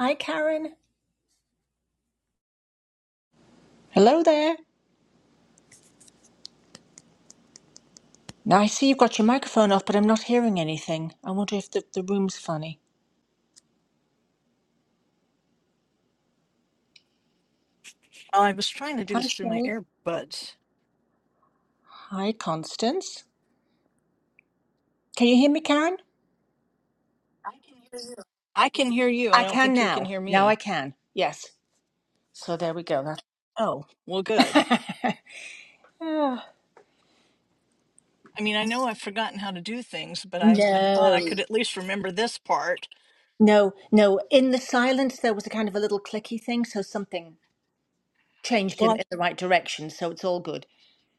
Hi, Karen. Hello there. Now I see you've got your microphone off, but I'm not hearing anything. I wonder if the, the room's funny. Oh, I was trying to do Hi, this through my Sherry. earbuds. Hi, Constance. Can you hear me, Karen? I can hear you. I I don't can think you can now. hear Now I me. can. Yes. So there we go. Oh, well, good. That- Ah. I mean, I know I've forgotten how to do things, but I, I thought No. I could at least remember this part. no, no. In the silence, there was a kind of a little clicky thing, so something changed Well, in, I'm- in the right direction. So it's all good.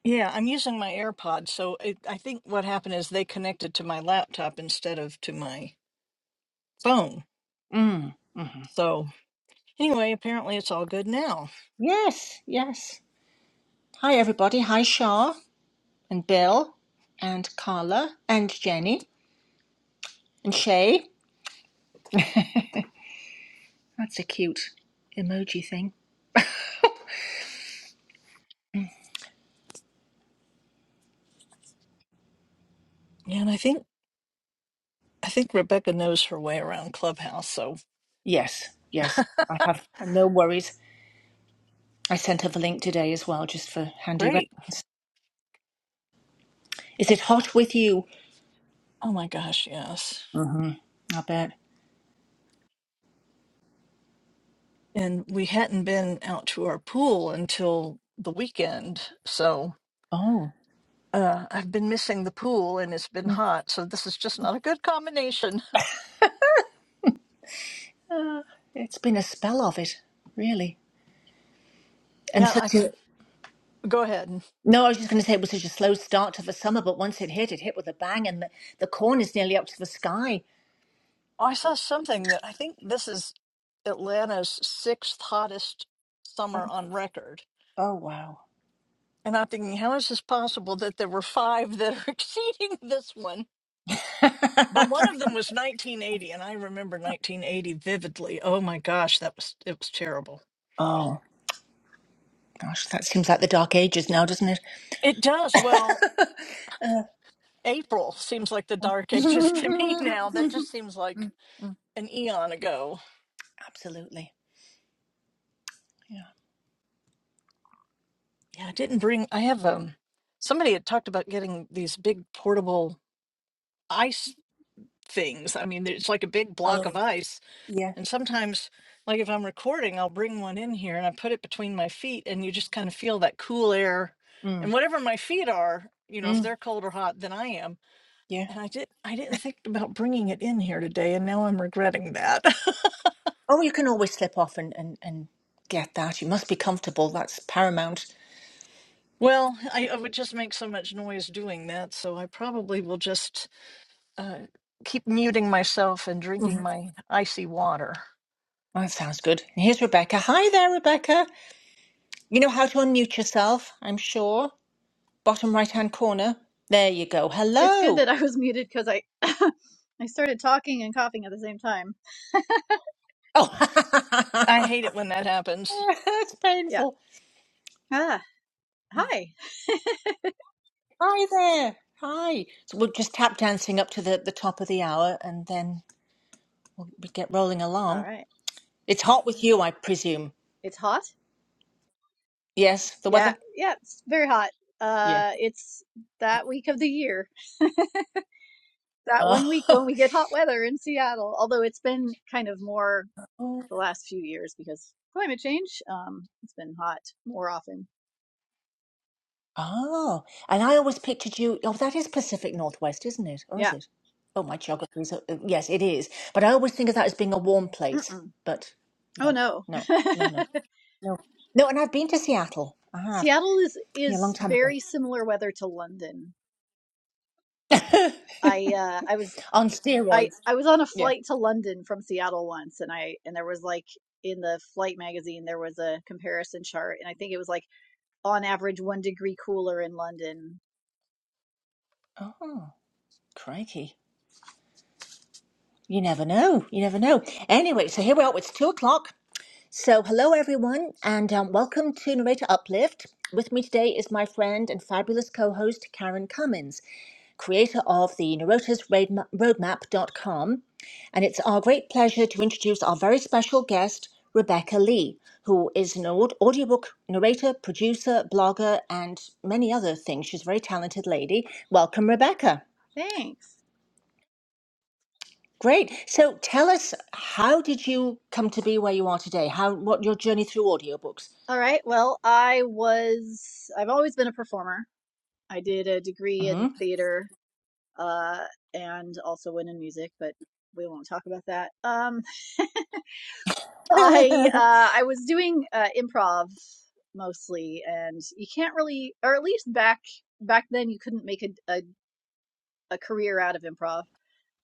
yeah, I'm using my AirPods, so it, I think what happened is they connected to my laptop instead of to my phone. Mm. So anyway, apparently it's all good now. Yes, yes. Hi, everybody. Hi, Shah. and Bill and Carla and Jenny and Shay. That's a cute emoji thing. And I think I think Rebecca knows her way around Clubhouse, so Yes, yes. I have no worries. I sent her the link today as well, just for handy. Re- great. Is it hot with you? Oh my gosh, yes. hmm I bet. and we hadn't been out to our pool until the weekend. So Oh, uh, I've been missing the pool and it's been hot. So this is just not a good combination. uh, it's been a spell of it, really. And Yeah, I such th- a go ahead. no. I was just going to say it was such a slow start to the summer, but once it hit, it hit with a bang, and the, the corn is nearly up to the sky. Oh, I saw something that I think this is Atlanta's sixth hottest summer on record. Oh wow. And I'm thinking, how is this possible that there were five that are exceeding this one? But one of them was 1980, and I remember 1980 vividly. Oh my gosh, that was it was terrible. oh. Gosh, that seems like the dark ages now, doesn't it? It does well. Uh, April seems like the dark ages to me now. That just mm, seems like mm, an eon ago. Absolutely. Yeah. Yeah, I didn't bring I have um somebody had talked about getting these big portable ice things. I mean, it's like a big block of Oh, ice. yeah. And sometimes like if I'm recording, I'll bring one in here and I put it between my feet and you just kind of feel that cool air Mm. and whatever my feet are, you know, if Mm. they're cold or hot than I am. Yeah. And I did I didn't think about bringing it in here today and now I'm regretting that. Oh, you can always slip off and, and, and get that. You must be comfortable. That's paramount. Well, I, I would just make so much noise doing that, so I probably will just uh, keep muting myself and drinking Mhm. my icy water. Oh, that sounds good. And here's Rebecca. Hi there, Rebecca. You know how to unmute yourself, I'm sure. Bottom right hand corner. There you go. It's good Hello. that I was muted because I I started talking and coughing at the same time. I Oh, hate it when that happens. that's Yeah. painful. Ah. Hi. Hi there. Hi. So we'll just tap dancing up to the, the top of the hour and then we'll we get rolling All along. right. It's hot with you, I presume. It's hot. Yes, the Yeah. weather? Yeah. It's very hot. Yeah. Uh, it's that week of the year. That Oh. one week when we get hot weather in Seattle. Although it's been kind of more oh. the last few years because climate change. Um, it's been hot more often. Oh. And I always pictured you. Oh, that is Pacific Northwest, isn't it? Or is Yeah. it? Oh, my geography is. uh, uh, Yes, it is. But I always think of that as being a warm place. Mm-mm. But Oh yeah. no. no, no, no. No. No, and I've been to Seattle. I have. Seattle is Yeah, a long is time very similar weather to London. ago. I uh, I was On I steroids. I was on a Yeah. flight to London from Seattle once, and I and there was like in the flight magazine there was a comparison chart, and I think it was like on average one degree cooler in London. Oh, crikey. You never know. You never know. Anyway, so here we are. It's two o'clock. So, hello everyone, and um, welcome to Narrator Uplift. With me today is my friend and fabulous co host, Karen Cummins, creator of the Narrator's Roadmap dot com, And it's our great pleasure to introduce our very special guest, Rebecca Lee, who is an aud- audiobook narrator, producer, blogger, and many other things. She's a very talented lady. Welcome, Rebecca. Thanks. Great. So tell us, how did you come to be where you are today? How what your journey through audiobooks? All right. Well, I was I've always been a performer. I did a degree in Mhm. theater, uh, and also one in music, but we won't talk about that. Um, I uh, I was doing uh, improv mostly, and you can't really, or at least back back then you couldn't make a, a a career out of improv.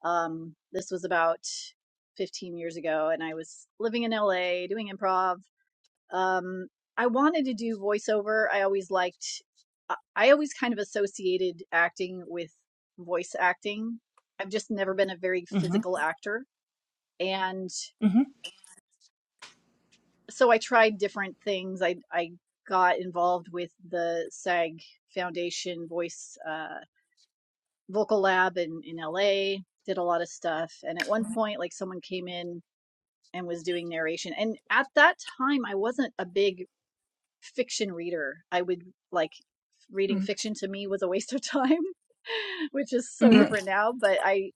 Um, this was about 15 years ago, and I was living in LA doing improv. Um, I wanted to do voiceover. I always liked, I always kind of associated acting with voice acting. I've just never been a very Mhm. physical actor. And Mhm. so I tried different things. I, I got involved with the SAG Foundation voice. Uh, vocal lab in, in LA, did a lot of stuff. And at one point, like someone came in and was doing narration. And at that time, I wasn't a big fiction reader. I would like reading Mhm. fiction to me was a waste of time, which is Mhm. so Mm. different now. But I,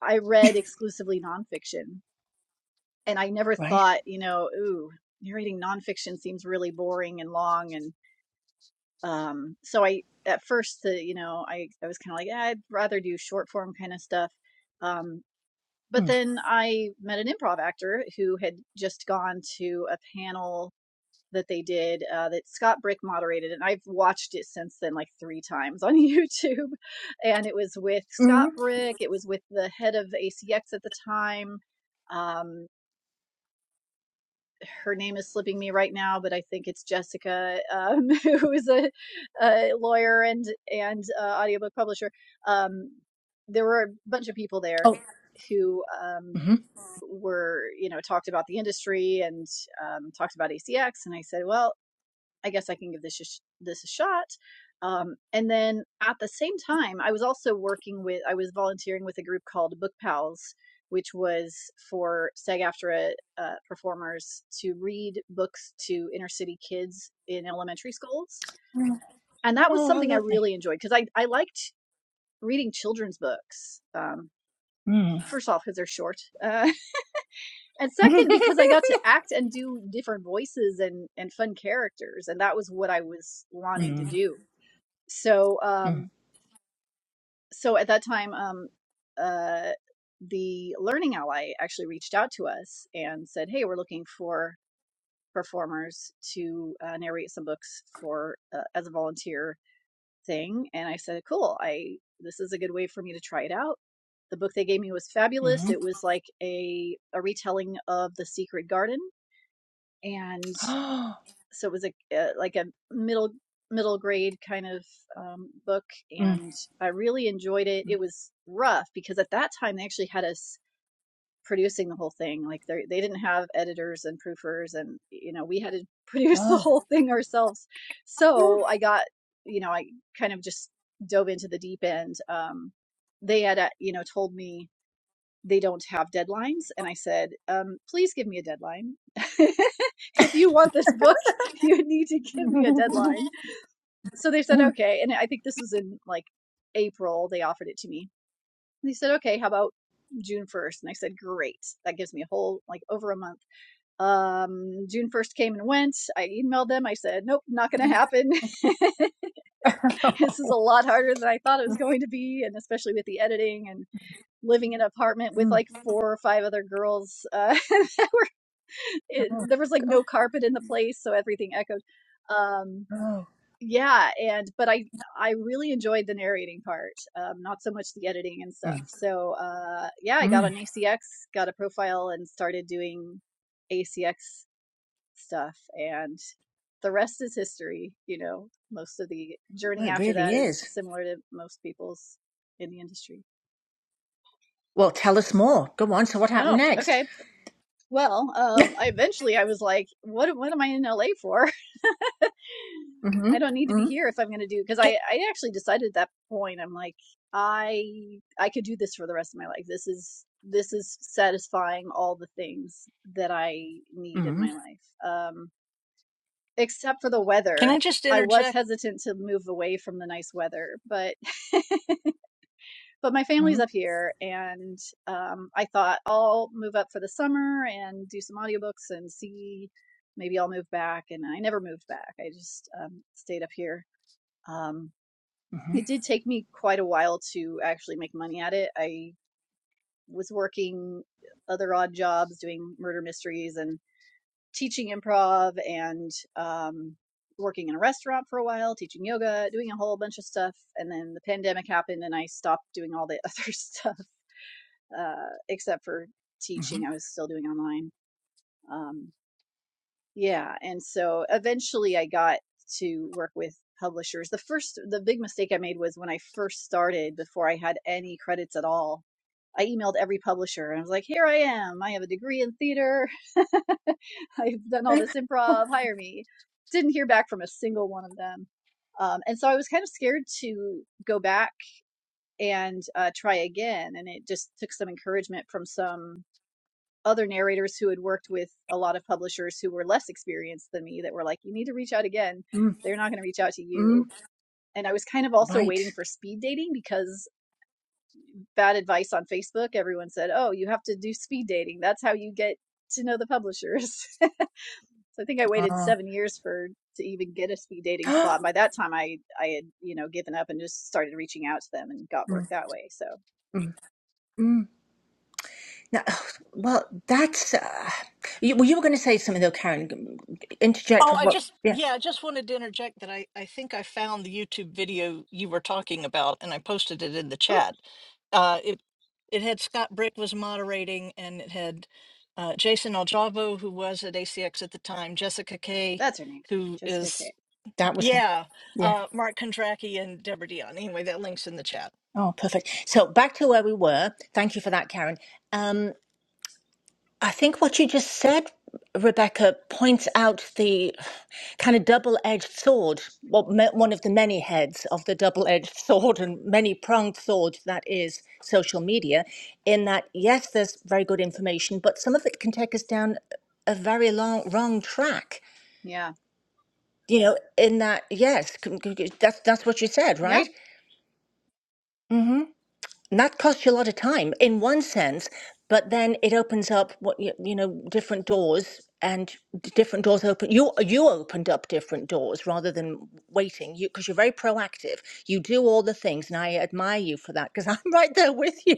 I read exclusively nonfiction and I never Right. thought, you know, ooh, narrating nonfiction seems really boring and long. And, um, so I, at first, the, you know, I, I was kind of like, "Yeah, I'd rather do short form kind of stuff. Um, but Mm. then I met an improv actor who had just gone to a panel that they did uh, that Scott Brick moderated, and I've watched it since then like three times on YouTube. And it was with Mhm. Scott Brick, it was with the head of ACX at the time. Um, her name is slipping me right now, but I think it's Jessica, um, who is a, a lawyer and and uh, audiobook publisher. Um, there were a bunch of people there Oh. who um, Mhm. were you know talked about the industry and um, talked about ACX, and I said, well, I guess I can give this a this a shot. Um, and then at the same time, I was also working with I was volunteering with a group called Book Pals, which was for SAG-AFTRA uh, performers to read books to inner city kids in elementary schools, and that was Oh, how something I lovely. really enjoyed because I I liked reading children's books. Um, Mm. first off, because they're short. Uh, and second because i got to act and do different voices and and fun characters and that was what i was wanting to mm. do so Mm. um so at that time um uh the learning ally actually reached out to us and said hey we're looking for performers to uh, narrate some books for uh, as a volunteer thing and i said cool i this is a good way for me to try it out the book they gave me was fabulous Mhm. it was like a a retelling of the secret garden and mm. Oh. so it was a, a like a middle middle grade kind of um, book, Mm. and I really enjoyed it. It was rough because at that time they actually had us producing the whole thing. Like they they didn't have editors and proofers, and you know we had to produce the whole thing ourselves. So I got you know I kind of just dove into the deep end. Um, they had uh, you know told me they don't have deadlines. And I said, um, please give me a deadline. if you want this book, you need to give me a deadline. So they said, okay. And I think this was in like April, they offered it to me. And they said, okay, how about June 1st? And I said, great. That gives me a whole, like over a month. Um, June 1st came and went. I emailed them. I said, nope, not going to happen. this is a lot harder than I thought it was going to be. And especially with the editing. and..." living in an apartment with Mm. like four or five other girls uh, that were it, Oh. there was like God. no carpet in the place so everything echoed um Oh. yeah and but i i really enjoyed the narrating part um not so much the editing and stuff Mm. so uh yeah i got on Mm. acx got a profile and started doing acx stuff and the rest is history you know most of the Well, journey it after that really is is. similar to most people's in the industry Well, tell us more. Go on. So what happened oh next? okay Well, um, I eventually I was like, what what am I in LA for? I Mhm. don't need to be Mhm. here if I'm going to do because I Can, I actually decided at that point I'm like I I could do this for the rest of my life. This is this is satisfying all the things that I need in my Mhm. life. Um except for the can I weather. just I was interject? hesitant to move away from the nice weather, but but my family's up here and um, i thought i'll move up for the summer and do some audiobooks and see maybe i'll move back and i never moved back i just um, stayed up here um, Mhm. it did take me quite a while to actually make money at it i was working other odd jobs doing murder mysteries and teaching improv and um, working in a restaurant for a while teaching yoga doing a whole bunch of stuff and then the pandemic happened and i stopped doing all the other stuff uh, except for teaching. Mhm. I was still doing online. Um, yeah, and so eventually I got to work with publishers. The first, the big mistake I made was when I first started, before I had any credits at all. I emailed every publisher and I was like, "Here I am. I have a degree in theater. I've done all this improv. Hire me." Didn't hear back from a single one of them. Um, and so I was kind of scared to go back and uh, try again. And it just took some encouragement from some other narrators who had worked with a lot of publishers who were less experienced than me that were like, you need to reach out again. Mm, They're not going to reach out to mm, you. And I was kind of also right. waiting for speed dating because bad advice on Facebook, everyone said, oh, you have to do speed dating. That's how you get to know the publishers. so I think I waited Uh, seven years for to even get a speed dating slot. By that time, I I had you know given up and just started reaching out to them and got work mm, that way. So mm, mm. Now, well, that's. Uh, you, well, you were going to say something though, Karen. G- Interject Oh, with I what? just, Yeah, yeah, I just wanted to interject that I, I think I found the YouTube video you were talking about and I posted it in the cool. chat. Uh, it, it had Scott Brick was moderating and it had uh, Jason Aljavo, who was at ACX at the time, Jessica Kay, That's her name, who Jessica is K. that was him. Yeah, Yeah. uh, Mark Kondracki and Deborah Dion. Anyway, that link's in the chat. Oh, perfect. So back to where we were. Thank you for that, Karen. Um, I think what you just said, Rebecca, points out the kind of double edged sword, well, me- one of the many heads of the double edged sword and many pronged sword that is social media, in that, yes, there's very good information, but some of it can take us down a very long, wrong track. Yeah, You know, in that, yes, c- c- c- that's, that's what you said, yeah. right? Mm-hmm. that costs you a lot of time in one sense, but then it opens up what you, you know different doors and d- different doors open you you opened up different doors rather than waiting you because you're very proactive you do all the things and i admire you for that because i'm right there with you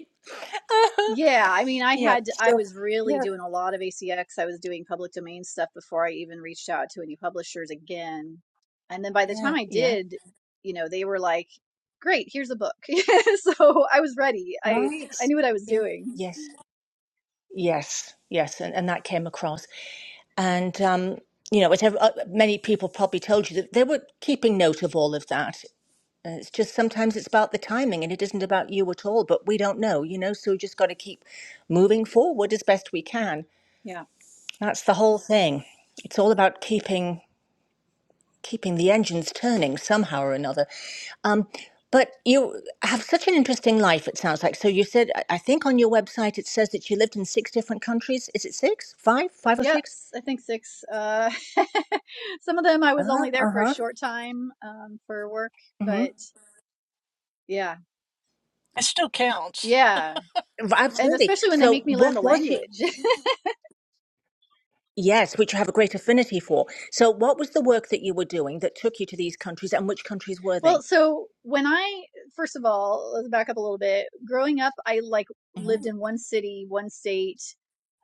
Yeah, I mean, I yeah had I still was really yeah doing a lot of ACX. I was doing public domain stuff before I even reached out to any publishers again. And then by the time yeah I yeah did, you know, they were like, "Great, here's a book." So I was ready. I right I knew what I was yeah doing. yes yes yes and, and that came across and um you know, whatever, uh, many people probably told you that they were keeping note of all of that Uh, It's just sometimes it's about the timing and it isn't about you at all, but we don't know, you know, so we just got to keep moving forward as best we can. Yeah. That's the whole thing. It's all about keeping keeping the engines turning somehow or another. Um, but you have such an interesting life, it sounds like. So you said, I I think on your website it says that you lived in six different countries. Is it six, five, five or six? Yes, I think six. Uh some of them I Uh was huh. only there Uh for a huh. short time um for work, Mm-hmm. but yeah. It still counts. Yeah. And Absolutely. especially when So they make me learn what the was you? language. Yes, which you have a great affinity for. So, what was the work that you were doing that took you to these countries, and which countries were they? Well, so when I first of all, let's back up a little bit. Growing up, I like lived in one city, one state.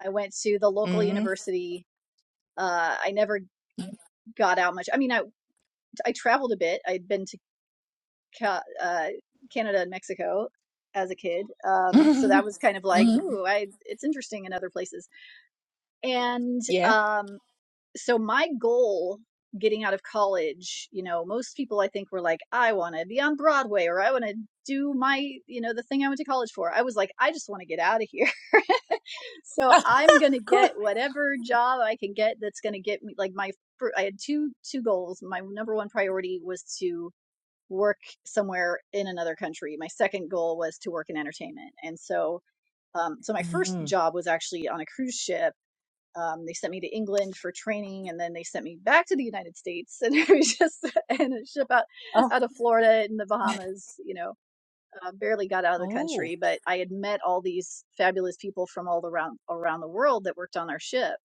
I went to the local hmm university. Uh, I never got out much. I mean, I I traveled a bit. I'd been to Ca- uh, Canada and Mexico as a kid, um, so hmm that was kind of like, hmm ooh, I it's interesting in other places. And Yeah. um, so my goal getting out of college you know most people i think were like i want to be on broadway or i want to do my you know the thing i went to college for i was like i just want to get out of here so Ah, i'm going to cool. get whatever job i can get that's going to get me like my i had two two goals my number one priority was to work somewhere in another country my second goal was to work in entertainment and so um, so my first Mm. job was actually on a cruise ship um, they sent me to England for training, and then they sent me back to the United States, and it was just and a ship out Oh. out of Florida in the Bahamas. You know, uh, barely got out of the Oh. country, but I had met all these fabulous people from all around around the world that worked on our ship,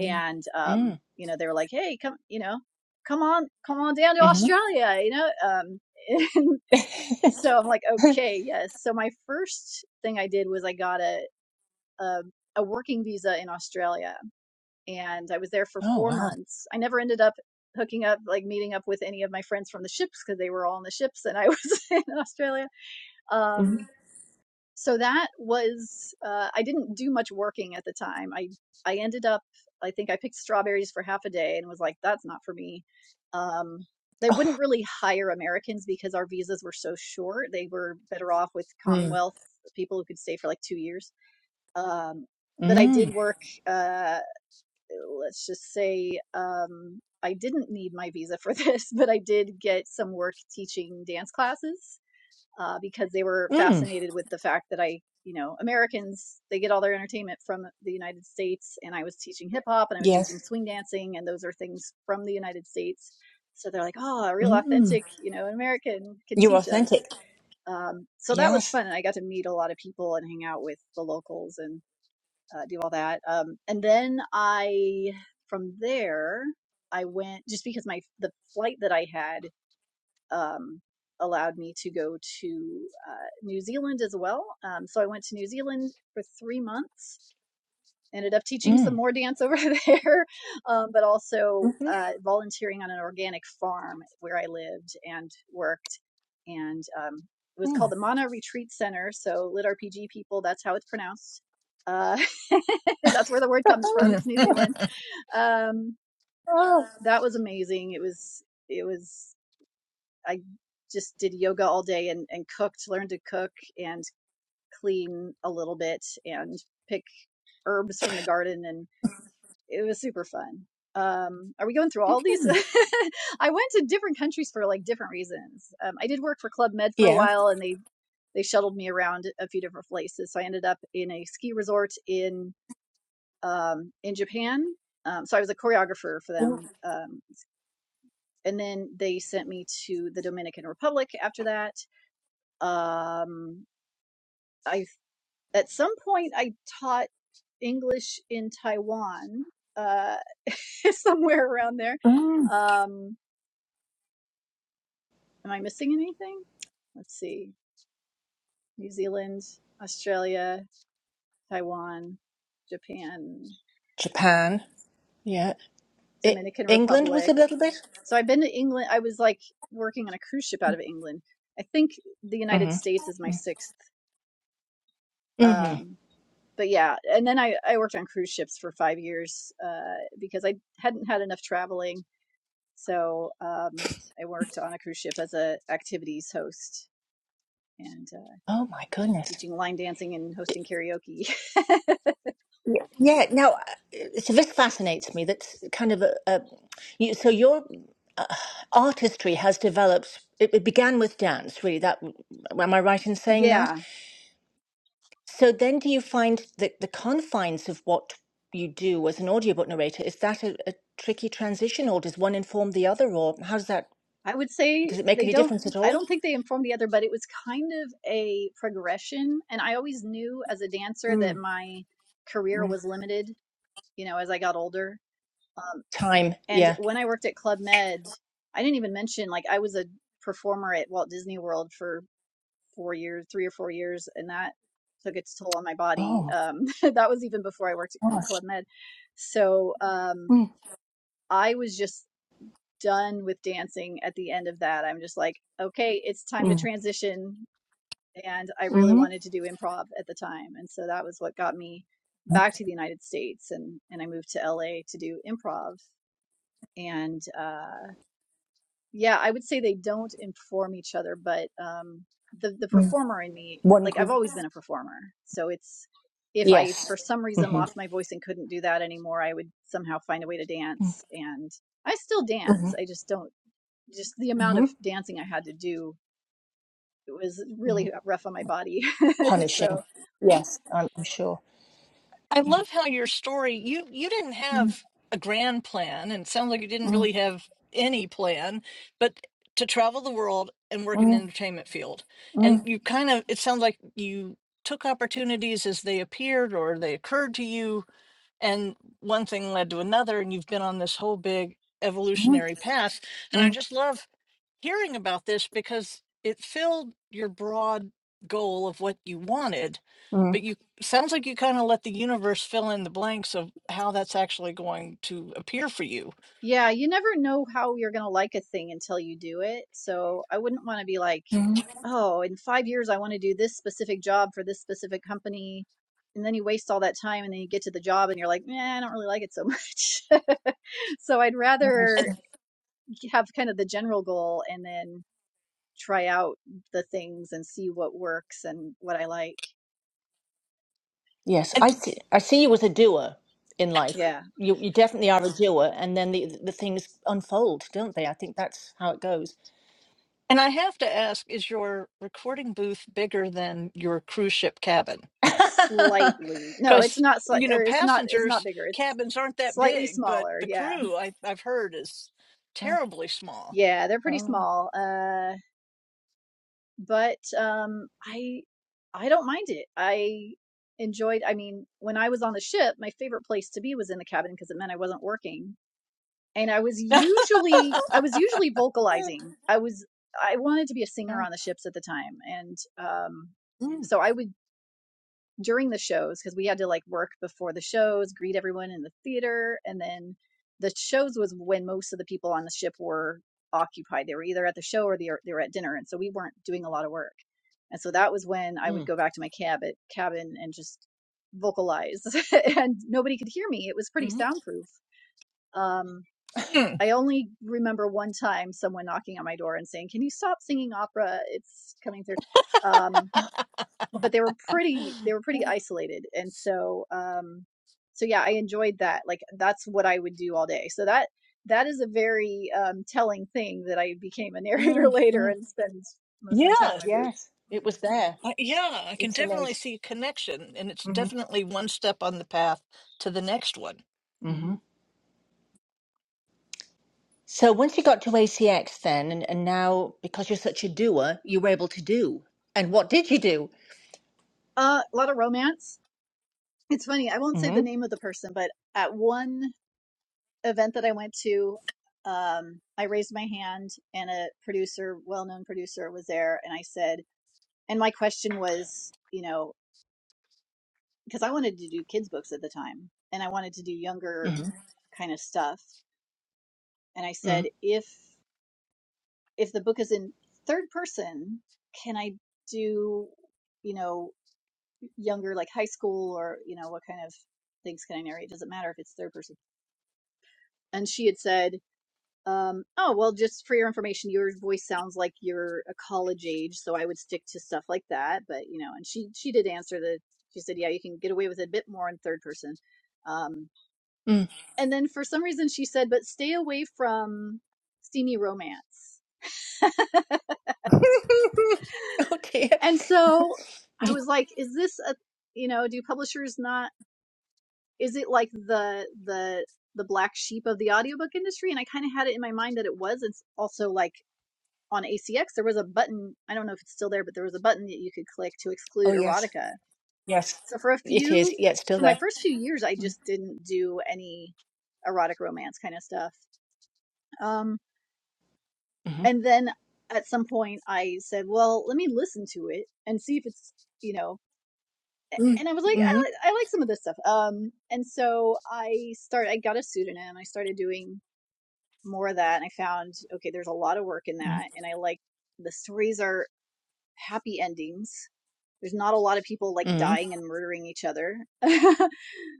Mm. um, Mm. you know, they were like, "Hey, come, you know, come on, come on down to Mm-hmm. Australia," you know. Um, and so I'm like, "Okay, yes." So my first thing I did was I got a a, a working visa in Australia and I was there for oh four wow. months. I never ended up hooking up, like meeting up with any of my friends from the ships because they were all on the ships and I was in Australia. Mm. Um, so that was uh, I didn't do much working at the time. I I ended up I think I picked strawberries for half a day and was like, that's not for me. Um, they wouldn't really hire Americans because our visas were so short. They were better off with Mm. Commonwealth people who could stay for like two years. Um, but I did Mm. work. Uh, let's just say um, I didn't need my visa for this, but I did get some work teaching dance classes uh, because they were Mm. fascinated with the fact that I, you know, Americans, they get all their entertainment from the United States. And I was teaching hip hop and I was teaching Yes. swing dancing, and those are things from the United States. So they're like, oh, a real Mm. authentic, you know, an American could You're teach us. authentic. Um, so that was Yes. fun. And I got to meet a lot of people and hang out with the locals and uh, do all that. Um, and then I, from there, I went just because my the flight that I had um, allowed me to go to uh, New Zealand as well. Um, so I went to New Zealand for three months ended up teaching some Mm. more dance over there, um, but also Mm-hmm. uh, volunteering on an organic farm where I lived and worked. And um, it was called Mm. the Mana Retreat Center. So, lit RPG people, that's how it's pronounced. Uh, that's where the word comes from. It's I New Zealand. Um, oh. that was amazing. It was, it was, I just did yoga all day and, and cooked, learned to cook and clean a little bit and pick herbs from the garden and. it was super fun. Um, are we going through all these? I went to different countries for like different reasons. Um, I did work for Club Med for a Yeah. while, and they they shuttled me around a few different places. So I ended up in a ski resort in um, in Japan. Um, so I was a choreographer for them, um, and then they sent me to the Dominican Republic after that. Um, I At some point, I taught English in Taiwan, uh, somewhere around there. Mm. Um, am I missing anything? Let's see. New Zealand, Australia, Taiwan, Japan, Japan. Yeah. I- Dominican England was Republic. a little bit. So I've been to England. I was like working on a cruise ship out of England. I think the United States is my Mm-hmm. sixth. Mm-hmm. Um, but yeah, and then I, I worked on cruise ships for five years uh, because I hadn't had enough traveling So um, I worked on a cruise ship as a activities host and uh, Oh my goodness. teaching line dancing and hosting karaoke. Yeah. Now, uh, so this fascinates me. That's kind of a. a you, so your uh, artistry has developed. It, it began with dance, really. That am I right in saying that? yeah, So then, do you find that the confines of what you do as an audiobook narrator is that a, a tricky transition, or does one inform the other, or how does that? I would say Does it make they any don't. difference at I all? don't think they informed the other, but it was kind of a progression. And I always knew as a dancer that Mm. my career Mm. was limited. You know, as I got older, Time. and Yeah. when I worked at Club Med, I didn't even mention like I was a performer at Walt Disney World for four years, three or four years, and that took its toll on my body. Oh Um, that was even before I worked for gosh. Club Med. So um, Mm. I was just done with dancing at the end of that. I'm just like, okay, it's time to Mm. transition. And I really Mm-hmm. wanted to do improv at the time. And so that was what got me back to the United States. And, and I moved to LA to do improv. And uh, yeah, I would say they don't inform each other, but um, the the performer in me, One like I've group. always been a performer, so it's if I for Yes. some reason hmm lost my voice and couldn't do that anymore, I would somehow find a way to dance, and I still dance. hmm I just don't just the amount hmm of dancing I had to do it was hmm really rough on my body. Punishing. so Yes, I'm I'm sure. love how your story you you didn't have Mm, a grand plan, and it sounds like you didn't mm, really have any plan, but to travel the world and work in the mm, entertainment field, and mm, you kind of it sounds like you took opportunities as they appeared or they occurred to you, and one thing led to another, and you've been on this whole big mm, evolutionary path. And I mm, just love hearing about this because it filled your broad goal of what you wanted mm, but you sounds like you kind of let the universe fill in the blanks of how that's actually going to appear for you yeah, you never know how you're gonna like a thing until you do it. So I wouldn't want to be like mm. oh, in five years, I want to do this specific job for this specific company. And then you waste all that time and then you get to the job and you're like, nah, I don't really like it so much. so I'd Nice. and rather have kind of the general goal and then try out the things and see what works and what I like. Yes, and I see. I see you as a doer in life. Yeah. You you definitely are a doer, and then the the things unfold, don't they? I think that's how it goes. and i have to ask is your recording booth bigger than your cruise ship cabin Slightly. No, it's because not, sli- you know or it's not, it's not passengers bigger. It's cabins aren't that slightly big but smaller. the Yeah. crew I, i've heard is Uh, terribly small Yeah. They're pretty oh. small. Uh, but um, I I don't mind it. I enjoyed. I mean, when I was on the ship, my favorite place to be was in the cabin because it meant I wasn't working, and I was usually I was usually mm, vocalizing. I was I wanted to be a singer Oh. on the ships at the time, and um, Mm, so I would during the shows because we had to like work before the shows, greet everyone in the theater, and then the shows was when most of the people on the ship were occupied. They were either at the show or they were, they were at dinner, and so we weren't doing a lot of work. And so that was when I would mm, go back to my cab at cabin and just vocalize, and nobody could hear me. It was pretty mhm, soundproof. Um, Mm, I only remember one time someone knocking on my door and saying, "Can you stop singing opera? It's coming through." Um, but they were pretty they were pretty mm, isolated and so um so yeah i enjoyed that like that's what i would do all day so that that is a very um telling thing that i became a narrator mm. later mm. and spend most of my time in my yes booth Yes, it was there. Uh, yeah, I can It's definitely innate. see a connection, and it's definitely one step on the path to the next one. Mm-hmm. hmm So once you got to ACX then, and, and now because you're such a doer, you were able to do. And what did you do? uh a lot of romance it's funny i won't say hmm the name of the person but at one event that i went to um i raised my hand and a producer well known producer was there and i said and my question was you know because I wanted to do kids' books at the time and I wanted to do younger hmm kind of stuff. And I said, mm if if the book is in third person, can I do, you know, younger like high school or, you know, what kind of things can I narrate? It Doesn't matter if it's third person. And she had said, um, oh well just for your information, your voice sounds like you're a college age, so I would stick to stuff like that. But, you know, and she she did answer the she said, Yeah, you can get away with it a bit more in third person. Um, mm And then for some reason she said, but stay away from steamy romance. oh dear. And so I was like, is this a, you know, do publishers not, is it like the, the, the black sheep of the audiobook industry? And I kind of had it in my mind that it was. It's also like on ACX, there was a button. I don't know if it's still there, but there was a button that you could click to Oh exclude yes, erotica. yes, So for a it is. few, Yeah, it's still for my there. first few years, I just didn't do any erotic romance kind of stuff. Um, Mm-hmm. and then at some point I said, "Well, let me listen to it and see if it's you know." And I was like, Mm-hmm. "I Mm-hmm. like I like some of this stuff." Um, and so I started. I got a pseudonym. I started doing more of that, and I found okay, there's a lot of work in that, and I like the stories are happy endings. There's not a lot of people like Mm-hmm. dying and murdering each other.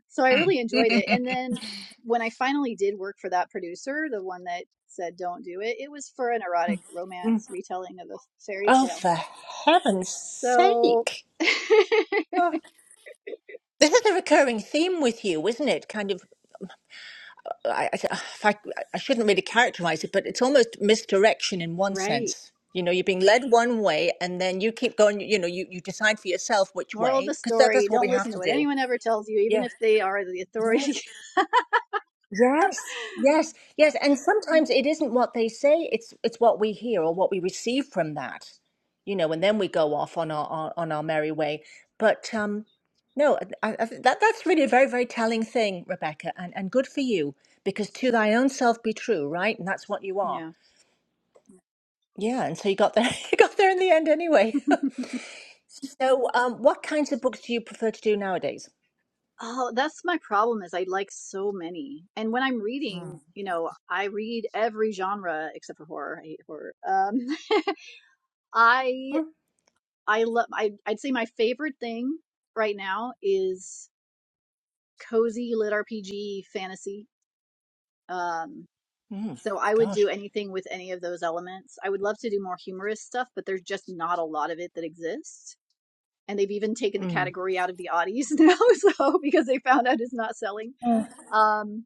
so I Mm. really enjoyed it. And then when I finally did work for that producer, the one that said don't do it, it was for an erotic Mm-hmm. romance retelling of a fairy Oh, tale. for heaven's So sake! Oh, this is a recurring theme with you, isn't it? Kind of I, I, if I, I shouldn't really characterize it, but it's almost misdirection in one Right. sense. You know, you're being led one way, and then you keep going. You know, you, you decide for yourself which moral of way the because that, story, that's what we don't have listen to to what do. anyone ever tells you, even Yeah. if they are the authority. Yes. Yes, yes, yes. And sometimes it isn't what they say, it's it's what we hear or what we receive from that. You know, and then we go off on our on, on our merry way. But um no, I, I, think that that's really a very, very telling thing, Rebecca, and, and good for you, because to thy own self be true, right? And that's what you are. yeah. Yeah, and so you got there you got there in the end anyway. So um what kinds of books do you prefer to do nowadays? Oh, that's my problem is I like so many. And when I'm reading, you know, I read every genre except for horror. I hate horror. Um I Mm, I love I I'd say my favorite thing right now is cozy lit RPG fantasy. Um mm, so I would do gosh. anything with any of those elements. I would love to do more humorous stuff, but there's just not a lot of it that exists. And they've even taken the Mm, category out of the oddies now, so because they found out it's not selling. mm, Um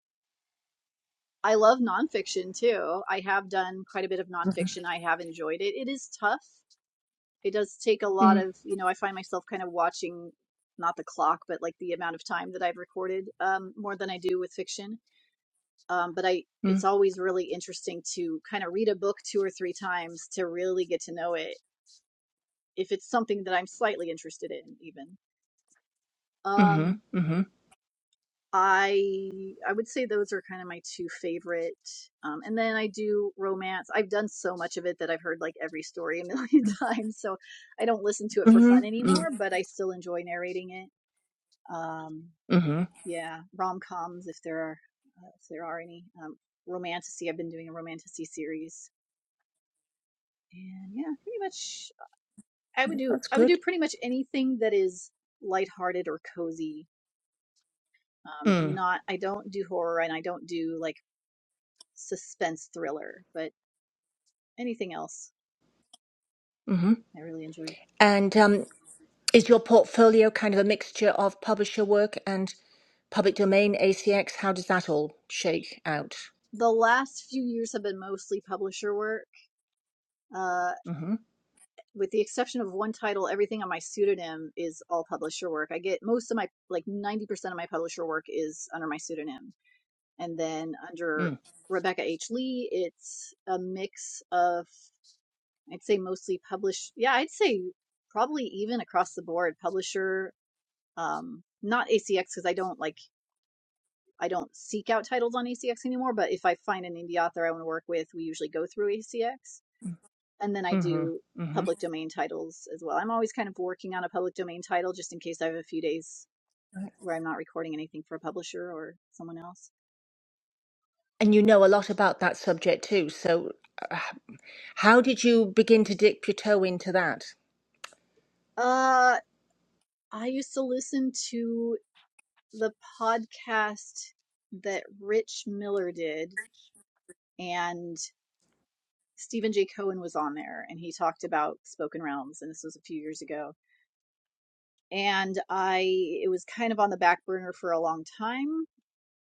I love nonfiction too. I have done quite a bit of nonfiction. I have enjoyed it. It is tough. It does take a lot mm, of, you know, I find myself kind of watching not the clock, but like the amount of time that I've recorded um, more than I do with fiction. Um, but I, it's mm, always really interesting to kind of read a book two or three times to really get to know it if it's something that I'm slightly interested in, even. mm-hmm, Um, I I would say those are kind of my two favorite. Um, and then I do romance. I've done so much of it that I've heard like every story a million times, so I don't listen to it for mm-hmm, fun mm-hmm, anymore. But I still enjoy narrating it. Um, hmm yeah, rom coms if there are uh, if there are any. Um, romanticy. I've been doing a romanticy series, and yeah, pretty much I would do That's I would do good. pretty much anything that is lighthearted or cozy um Mm. not i don't do horror and i don't do like suspense thriller, but anything else hmm I really enjoy. And um, is your portfolio kind of a mixture of publisher work and public domain ACX? How does that all shake out? The last few years have been mostly publisher work. Uh, hmm with the exception of one title, everything on my pseudonym is all publisher work. I get most of my, like 90% of my publisher work is under my pseudonym. And then under Mm. Rebecca H. Lee, it's a mix of, I'd say mostly published. Yeah, I'd say probably even across the board, publisher, um, not ACX because I don't like I don't seek out titles on ACX anymore, but if I find an indie author I want to work with, we usually go through ACX. And then I hmm do hmm public domain titles as well. I'm always kind of working on a public domain title just in case I have a few days where I'm not recording anything for a publisher or someone else. And you know a lot about that subject too. So, uh, how did you begin to dip your toe into that? Uh, I used to listen to the podcast that Rich Miller did, and Stephen J. Cohen was on there, and he talked about spoken realms, and this was a few years ago and I it was kind of on the back burner for a long time.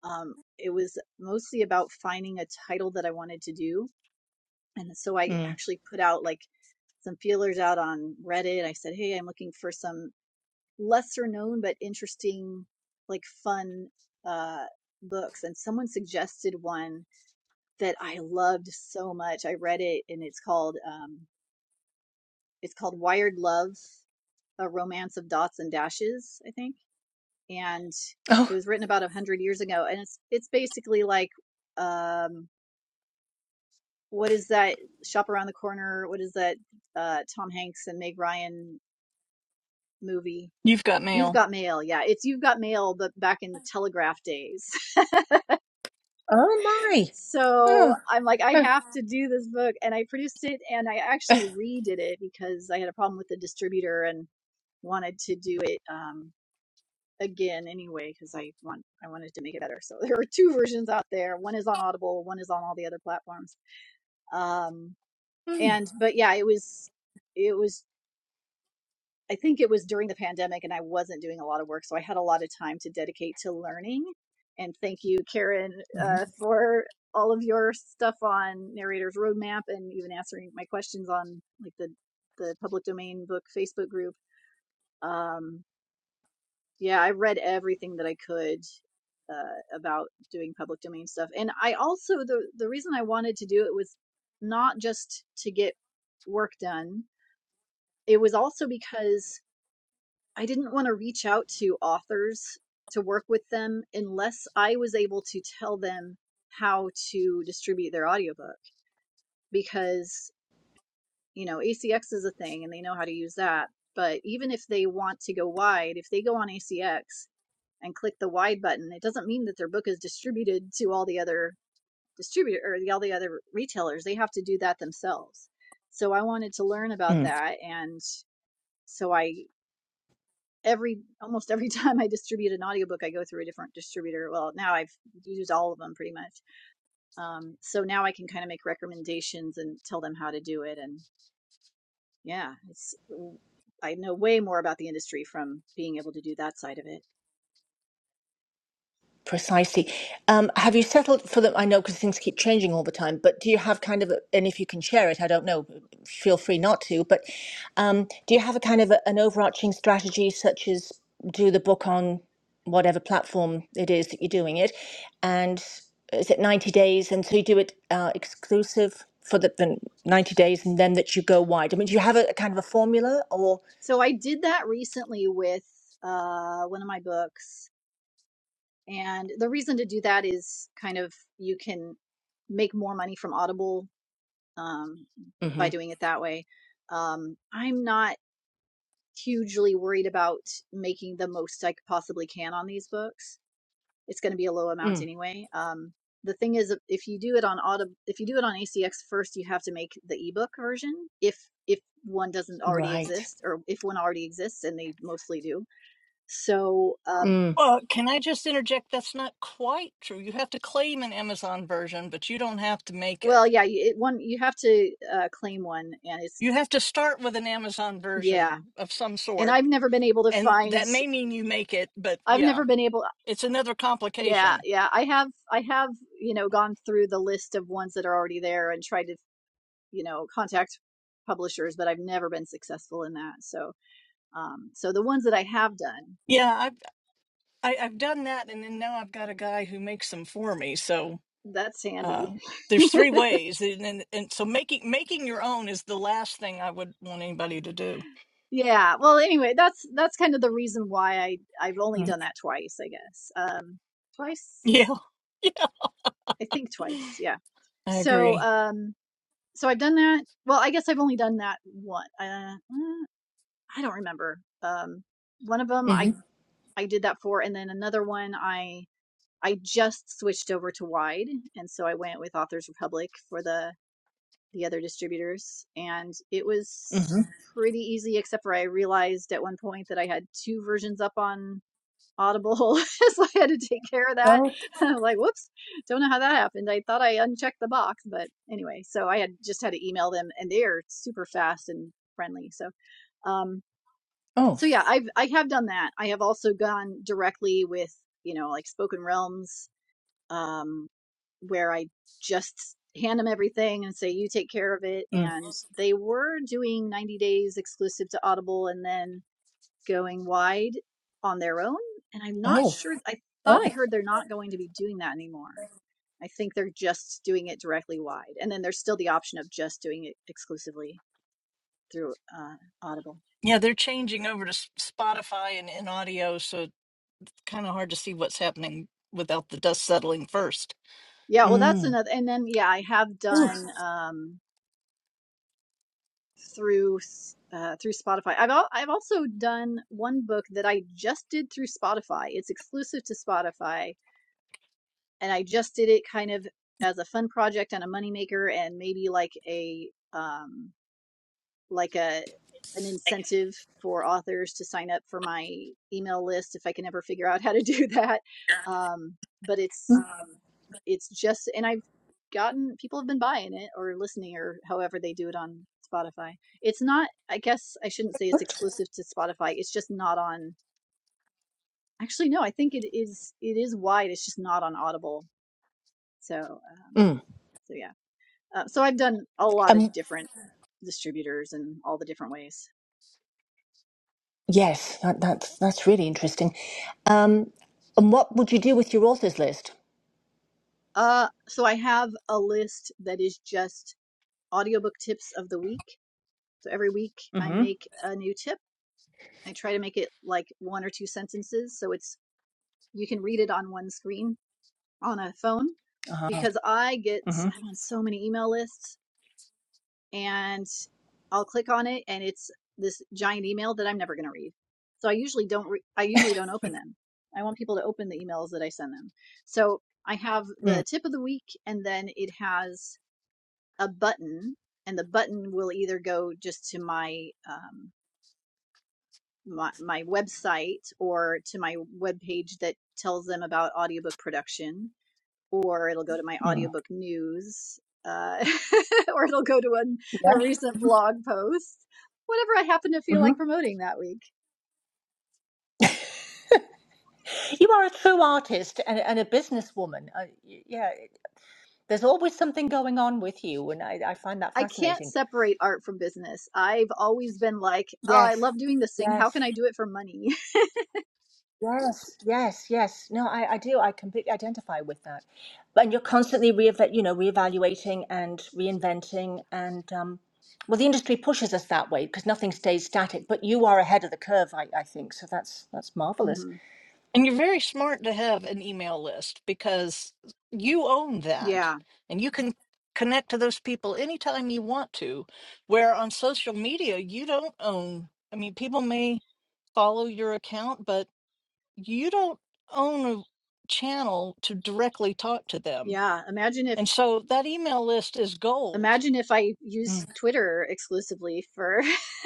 Um, it was mostly about finding a title that I wanted to do, and so I Mm. actually put out like some feelers out on Reddit. I said, "Hey, I'm looking for some lesser known but interesting, like fun uh, books," and someone suggested one that I loved so much. I read it, and it's called um, it's called Wired Love: A Romance of Dots and Dashes, I think and it Oh, was written about a hundred years ago. And it's it's basically like, um, what is that shop around the corner? What is that uh, Tom Hanks and Meg Ryan movie? You've got You've mail. got mail, yeah. It's you've got mail, but back in the telegraph days. oh my! so Oh. I'm like, I huh. have to do this book, and I produced it, and I actually redid it because I had a problem with the distributor and wanted to do it. Um, again anyway because I want I wanted to make it better. So there are two versions out there. One is on Audible, one is on all the other platforms. Um and but yeah, it was it was I think it was during the pandemic and I wasn't doing a lot of work, so I had a lot of time to dedicate to learning. And thank you Karen uh for all of your stuff on Narrator's Roadmap and even answering my questions on like the the public domain book Facebook group. Um Yeah, I read everything that I could uh, about doing public domain stuff, and I also the the reason I wanted to do it was not just to get work done. It was also because I didn't want to reach out to authors to work with them unless I was able to tell them how to distribute their audiobook because you know ACX is a thing and they know how to use that. But even if they want to go wide, if they go on ACX and click the Y button, it doesn't mean that their book is distributed to all the other distributor or the, all the other retailers. They have to do that themselves. So I wanted to learn Mm. about that, and so I every almost every time I distribute an audiobook, I go through a different distributor. Well, now I've used all of them pretty much. Um, so now I can kind of make recommendations and tell them how to do it. And yeah, it's I know way more about the industry from being able to do that side of it. Precisely. Um, have you settled for them? I know because things keep changing all the time, but do you have kind of, a, and if you can share it, I don't know, feel free not to, but um, do you have a kind of a, an overarching strategy, such as do the book on whatever platform it is that you're doing it? And is it 90 days? And so you do it uh, exclusive for the, the 90 days and then that you go wide? I mean, do you have a, a kind of a formula or? So I did that recently with uh, one of my books. And the reason to do that is kind of you can make more money from Audible um, by hmm doing it that way. Um, I'm not hugely worried about making the most I possibly can on these books. It's going to be a low amount Mm, anyway. Um, the thing is, if you do it on Audible, if you do it on ACX first, you have to make the ebook version. If if one doesn't already right. exist, or if one already exists, and they mostly do, so, um, Mm, Uh, can I just interject? That's not quite true. You have to claim an Amazon version, but you don't have to make it. well, yeah, you- it, one you have to uh, claim one, and it's You have to start with an Amazon yeah. version of some And sort, I've never been able to and find. that may mean you make it, but I've yeah, never been able. it's another Yeah, complication. yeah. I have. I have. You know, gone through the list of ones that are already there and tried to, you know, contact publishers, but I've never been successful in that. So, um, so the ones that I have done, Yeah, I've I, I've done that, and then now I've got a guy who makes them for me. So that's uh, handy. there's three ways and, and and so making making your own is the last thing i would want anybody to do Yeah. Well, anyway, that's that's kind of the reason why I I've only mm, done that twice, I guess. Um, twice. yeah yeah I think twice. Yeah. i So agree um so I've done that. Well, I guess I've only done that one. Uh, mm, I don't remember. Um one of them hmm I I did that for and then another one I I just switched over to wide and so I went with Authors Republic for the the other distributors and it was pretty easy except for I realized at one point that I had two versions up on Audible. so I had to take care of that. hmm I'm like, whoops, don't know how that happened. I thought I unchecked the box, but anyway, so I had just had to email them and they are super fast and friendly. So, um, Oh. so yeah, I've, I have done that. I have also gone directly with, you know, like spoken realms, um, where I just hand them everything and say, you take care of it. Mm. And they were doing 90 days exclusive to Audible. And then going wide on their own. And I'm not Oh, sure, I oh, thought I heard they're not going to be doing that anymore. I think they're just doing it directly wide. And then there's still the option of just doing it exclusively through uh, Audible. yeah they're changing over to S- spotify and in audio so kind of hard to see what's happening without the dust settling first Yeah, well, that's mm. another. And then, yeah, I have Oof. done um, through uh, through Spotify. I've al- I've also done one book that I just did through Spotify. It's exclusive to Spotify, and I just did it kind of as a fun project and a moneymaker, and maybe like a um, like a an incentive for authors to sign up for my email list if I can ever figure out how to do that. Um, but it's mm, it's just and I've gotten people have been buying it or listening or however they do it on Spotify. It's not I guess I shouldn't say it's exclusive to Spotify. It's just not on actually no, I think it is it is wide. It's just not on Audible. So um mm. so yeah. Uh, so I've done a lot of Um, different distributors and all the different ways. yes, that, that's that's really interesting. Um, and what would you do with your authors list? Uh, so I have a list that is just audiobook tips of the week. So every week I Mm-hmm. make a new tip. I try to make it like one or two sentences so it's you can read it on one screen on a phone Uh-huh. because I get Mm-hmm. I'm on so many email lists and I'll click on it and it's this giant email that I'm never going to read. So I usually don't re- I usually don't open them. I want people to open the emails that I send them. So I have Mm. the tip of the week and then it has a button, and the button will either go just to my um, my, my website or to my webpage that tells them about audiobook production, or it'll go to my Mm. audiobook news, uh, or it'll go to a, a Yeah. recent blog post. Whatever I happen to feel Mm-hmm. like promoting that week. You are a true artist and, and a businesswoman. Uh, y- yeah, there's always something going on with you, and I, I find that I can't fascinating. separate art from business. I've always been like, oh, I Yes. love doing this thing. How Yes. can I do it for money? Yes, yes, yes. No, I, I do. I completely identify with that. But and you're constantly reeva you know, reevaluating and reinventing, and um, well, the industry pushes us that way because nothing stays static. But you are ahead of the curve, I, I think. So that's that's marvelous. hmm and you're very smart to have an email list because you own that Yeah. and you can connect to those people anytime you want to where on social media you don't own i mean people may follow your account but you don't own a channel to directly talk to them. Yeah. Imagine if And so that email list is gold. Imagine if I Mm. used Twitter exclusively for,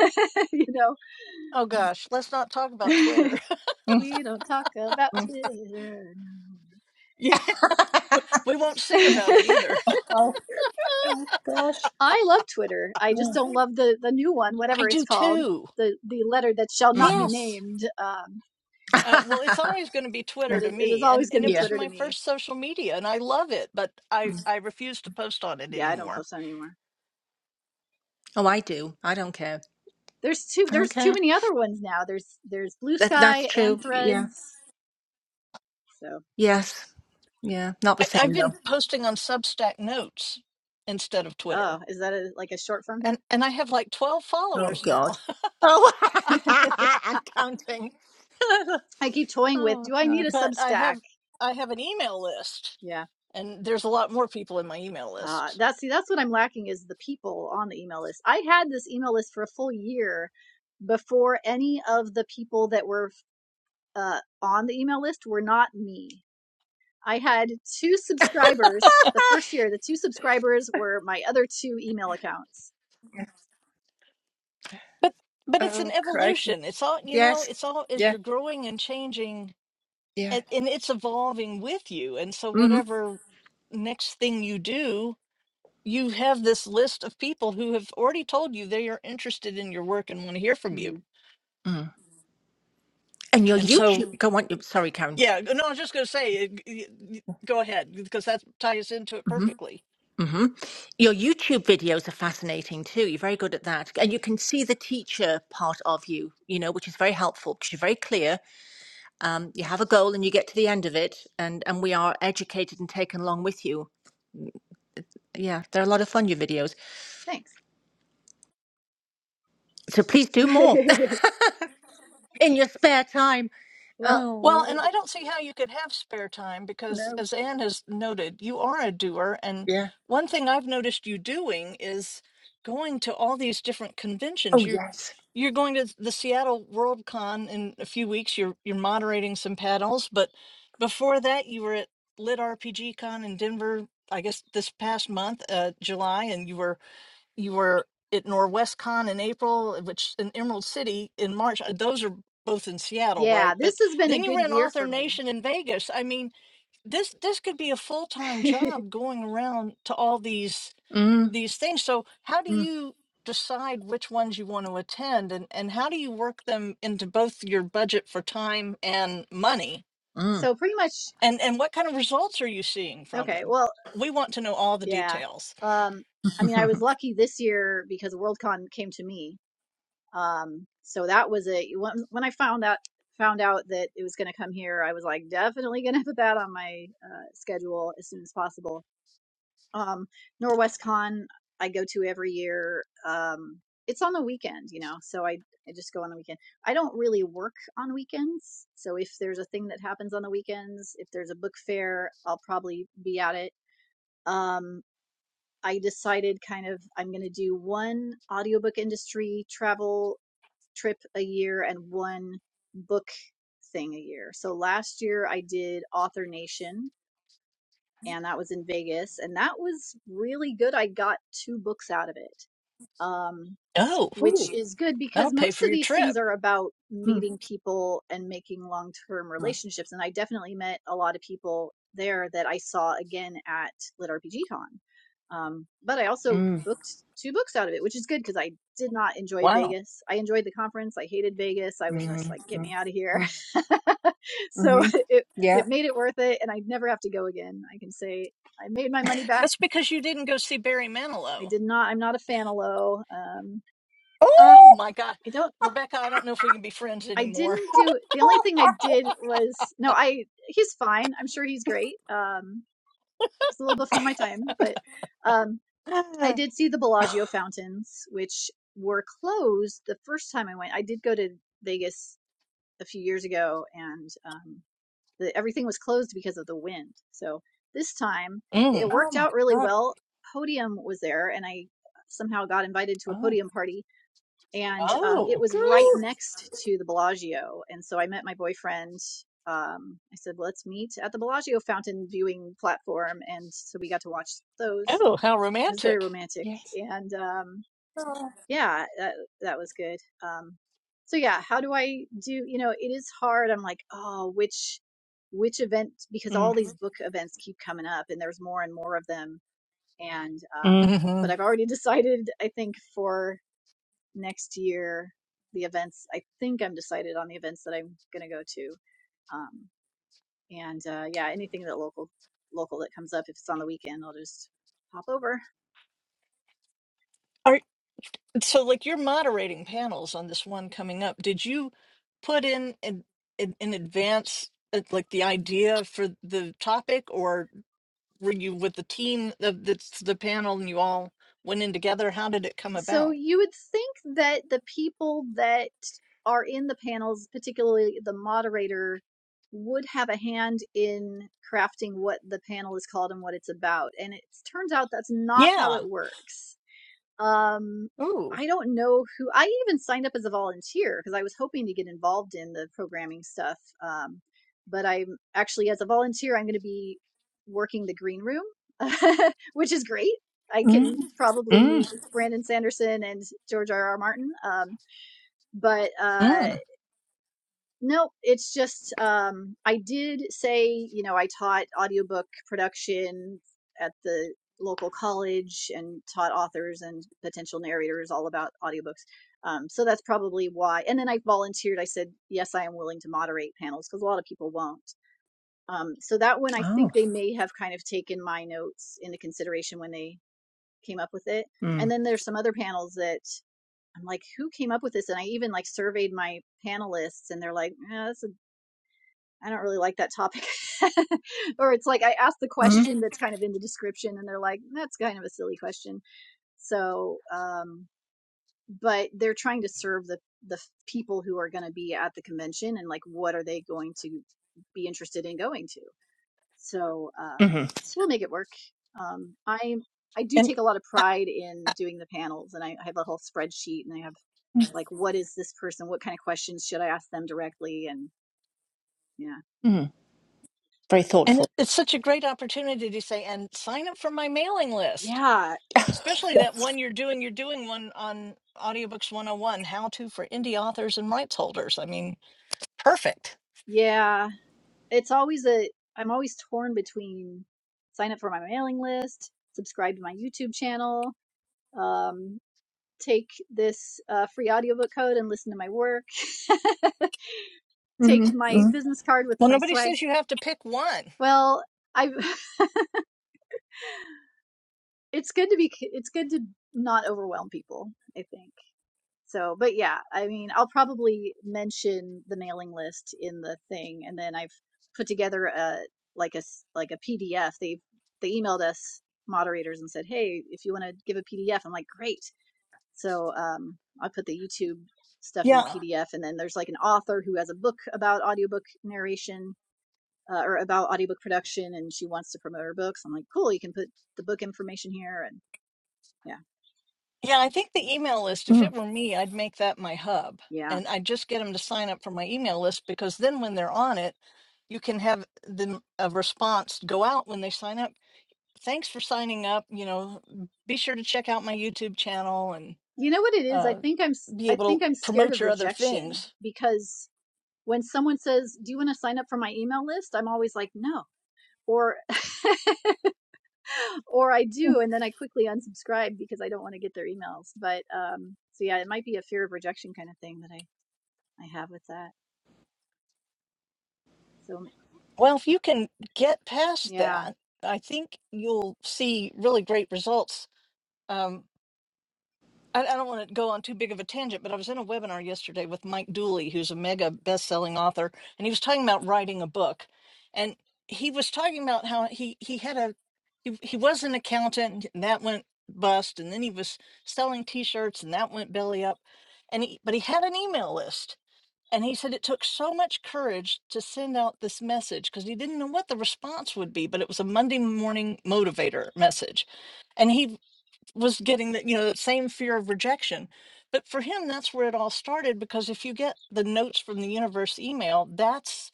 you know, Oh gosh, let's not talk about Twitter. Mm, we don't talk about mm. Twitter. No. Yeah, we we won't sing about it either. Oh gosh. I love Twitter. I just Mm. don't love the the new one, I whatever it's do called, too. the the letter that shall not be Mhm. Yes. named. Um, Uh, well, it's always going to be it Twitter to is it is me, and always going and to be it yeah. was Twitter to my me. first social media, and I love it, but I Mm. I refuse to post on it Yeah, I don't anymore. post anymore. Oh, I do. I don't care. There's too I don't there's too care. many other ones now. There's there's Blue That that's Sky and true. Yeah. Threads. So, Yes. Yeah. Not the I, I've same though. been posting on Substack Notes instead of oh, Twitter, is that a, like a short form thing? and and I have like twelve Oh followers now. God. Oh, I'm counting. I keep toying with. oh Do I need no. a but I Substack? have I have an email list, Yeah, and there's a lot more people in my email Uh, list. that's see, that's what I'm lacking is the people on the email list. I had this email list for a full year before any of the people that were uh, on the email list were not me. I had two subscribers the first year. The two subscribers were my other two email accounts. But but it's an Oh crikey. evolution. It's all you know. Yes. It's all as Yeah. you're growing and changing, Yeah. and, and it's evolving with you. And so hmm whatever next thing you do, you have this list of people who have already told you they are interested in your work and want to hear from you. hmm Mm. And your And so YouTube. Go on. you- Sorry, Karen. yeah, no, I was just going to say, it- it- go ahead because that ties into it hmm perfectly. hmm Your YouTube videos are fascinating too. You're very good at that, and you can see the teacher part of you. You know, which is very helpful because you're very clear. Um, you have a goal and you get to the end of it, and and we are educated and taken along with you. Yeah, they're a lot of fun. Your videos. Thanks. So please do more in your spare time. Well, Oh, Well, and Lordy. I don't see how you could have spare time because, No. as Anne has noted, you are a doer. And Yeah. one thing I've noticed you doing is going to all these different Oh, conventions. You're yes. you're going to the Seattle World Con in a few weeks. You're you're moderating some panels, but before that, you were at Lit RPG Con in Denver. I guess this past month, uh, July, and you were you were at NorwestCon in April, which in Emerald City in March. Uh, Those are both in Seattle, yeah, right? But this has been a then you were good in year Author for me. Nation in Vegas. I mean, this this could be a full time job going around to all these Mm, these things. So how do mm, you decide which ones you want to attend, and and how do you work them into both your budget for time and money, mm. So pretty much, and and what kind of results are you seeing from okay. them? Well, We want to know all the yeah. details. Um, I mean, I was lucky this year because Worldcon came to me Um, so that was a when when I found out found out that it was going to come here, I was like definitely going to put that on my uh, schedule as soon as possible. Um, NorwestCon I go to every year. Um, it's on the weekend, you know, so I I just go on the weekend. I don't really work on weekends, so if there's a thing that happens on the weekends, if there's a book fair, I'll probably be at it. Um, I decided kind of I'm going to do one audiobook industry travel trip a year and one book thing a year. So last year I did Author Nation and that was in Vegas and that was really good. I got two books out of it. Um Oh, which Ooh. is good because that'll pay most for of your these things trip. are about Mm, meeting people and making long term mm, relationships. And I definitely met a lot of people there that I saw again at Lit RPG Con. Um, but I also mm, booked two books out of it, which is good because I did not enjoy Wow. Vegas. I enjoyed the conference. I hated Vegas. I mm, was just mm, like, get me out of here. mm, so mm. it Yeah. it made it worth it, and I never have to go again. I can say I made my money back. That's because you didn't go see Barry I Manilow. did not. I'm not a fan of low. Um, Oh Oh! my God. I don't Rebecca, I don't know if we can be friends I anymore. didn't do the only thing I did was no, I he's fine. I'm sure he's great. Um it's a little before my time, but um I did see the Bellagio fountains, which were closed the first time I went. I did go to Vegas a few years ago and um the, everything was closed because of the wind. So this time it Mm. Oh, worked my out really God. well. Podium was there and I somehow got invited to a Oh. podium party and um, it Oh, was right Girl. next to the Bellagio. And so I met my boyfriend. Um, I said, well, let's meet at the Bellagio fountain viewing platform. And so we got to watch those. oh, how It was very romantic. romantic. Yes. And um, Oh. yeah, that, that was good. Um, so yeah, how do I do? You know, it is hard. I'm like, oh, which which event? Because Mm, all these book events keep coming up, and there's more and more of them. And um, mm, hmm but I've already decided. I think for next year the events i think i'm decided on the events that i'm going to go to um, and uh, yeah anything that local local that comes up if it's on the weekend i'll just hop over Are, so, like, you're moderating panels on this one coming up. Did you put in in, in, in advance, uh, like, the idea for the topic, or were you with the team of the, the panel and you all went in together? How did it come so about? you would think that the people that are in the panels particularly the moderator would have a hand in crafting what the panel is called and what it's about and it turns out that's not how Yeah. it works Um, Ooh. I don't know who. I even signed up as a volunteer because I was hoping to get involved in the programming stuff. Um, but I'm actually, as a volunteer, I'm going to be working the green room, which is great. I mm, can probably meet mm. Brandon Sanderson and George R. R. Martin. Um, but uh, Mm. Nope, it's just um I did say, you know, I taught audiobook production at the local college and taught authors and potential narrators all about audiobooks. Um so that's probably why. And then I volunteered. I said, "Yes, I am willing to moderate panels" because a lot of people won't. Um so that one I Oh. think they may have kind of taken my notes into consideration when they came up with it. And Mm, then there's some other panels that I'm like, who came up with this? And I even like surveyed my panelists, and they're like, yeah, this I don't really like that topic. or it's like I ask the mm, question that's kind of in the description and they're like, that's kind of a silly question. So, um, but they're trying to serve the, the people who are going to be at the convention and like, what are they going to be interested in going to? So, um, mm, we'll make it work. Um, I, I do And take a lot of uh, pride in doing the panels and I, I have a whole spreadsheet and I have like, what is this person? What kind of questions should I ask them directly? And yeah, mm. Very And thoughtful. it- it's such a great opportunity to say, and sign up for my mailing list, yeah, especially that Yes. one you're doing. You're doing one on Audiobooks 101 How to for Indie Authors and Rights Holders. I mean, perfect. yeah. it's always a I'm always torn between sign up for my mailing list, subscribe to my YouTube channel, um, take this uh, free audiobook code and listen to my work, take my Mm-hmm. business card with Well, my nobody swag. says you have to pick one. Well, I it's good to be it's good to not overwhelm people. I think. So, but yeah, I mean, I'll probably mention the mailing list in the thing, and then I've put together a like a s- like a PDF. They they emailed us moderators and said, "Hey, if you want to give a PDF," I'm like, "Great." So, um, I put the YouTube stuff in the Yeah. PDF, and then there's like an author who has a book about audiobook narration uh, or about audiobook production, and she wants to promote her books. I'm like, "Cool, you can put the book information here," and yeah, Yeah. I think the email list, if it were me, I'd make that my hub yeah. and I'd just get them to sign up for my email list because then when they're on it, you can have them a response go out when they sign up. Thanks for signing up. You know, be sure to check out my YouTube channel and. you know what it is i uh, think i'm s- be i am I able think to i'm scared promote of your other rejection things. because when someone says do you want to sign up for my email list i'm always like no or or i do and then i quickly unsubscribe because i don't want to get their emails but um so yeah it might be a fear of rejection kind of thing that i i have with that so Well, if you can get past yeah that, I think you'll see really great results. Um, I, I don't want to go on too big of a tangent, but I was in a webinar yesterday with Mike Dooley, who's a mega best-selling author, and he was talking about writing a book, and he was talking about how he he had a he, he was an accountant and that went bust, and then he was selling T-shirts and that went belly up, and he, but he had an email list And he said it took so much courage to send out this message because he didn't know what the response would be, but it was a Monday morning motivator message. And he was getting that, you know, that same fear of rejection. But for him, that's where it all started because if you get the notes from the universe email, that's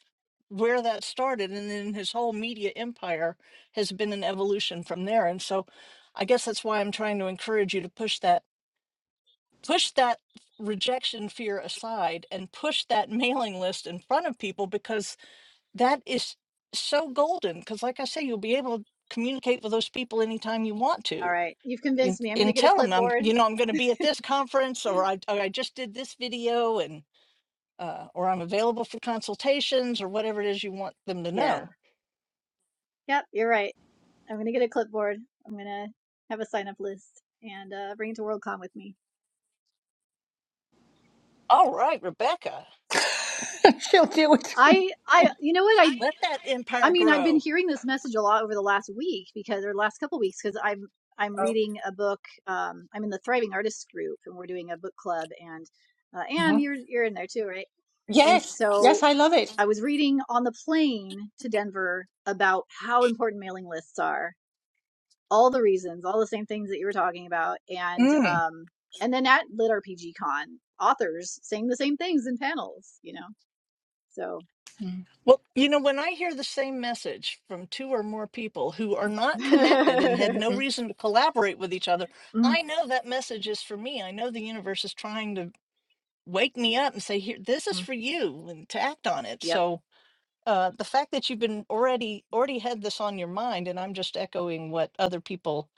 where that started. And then his whole media empire has been an evolution from there. And so I guess that's why I'm trying to encourage you to push that push that rejection fear aside and push that mailing list in front of people because that is so golden because like i say you'll be able to communicate with those people anytime you want all to right you've and, convinced me i'm gonna and get a tell them i'm clipboard you know i'm going to be at this conference or i, or I just did this video and uh, or i'm available for consultations or whatever it is you want them to yeah know yep you're right i'm gonna get a clipboard i'm gonna have a sign up list and uh bring it to worldcon with me all right rebecca She'll do it. I I you know what I. let that I empire mean, I've been grow hearing this message a lot over the last week because, or last couple weeks, because I'm I'm Oh. reading a book. Um, I'm in the Thriving Artists group, and we're doing a book club. And uh, Anne, Mhm. you're you're in there too, right? And Yes, so yes, I love it. I was reading on the plane to Denver about how important mailing lists are, all the reasons, all the same things that you were talking about, and Mm. um, and then at Lit RPG Con, authors saying the same things in panels, you know. So, Mm, Well, you know, when I hear the same message from two or more people who are not connected and had no mm, reason to collaborate with each other, mm. I know that message is for me. I know the universe is trying to wake me up and say, "Here, this is mm. for you," and to act on it. yep, So, uh, the fact that you've been already already had this on your mind, and I'm just echoing what other people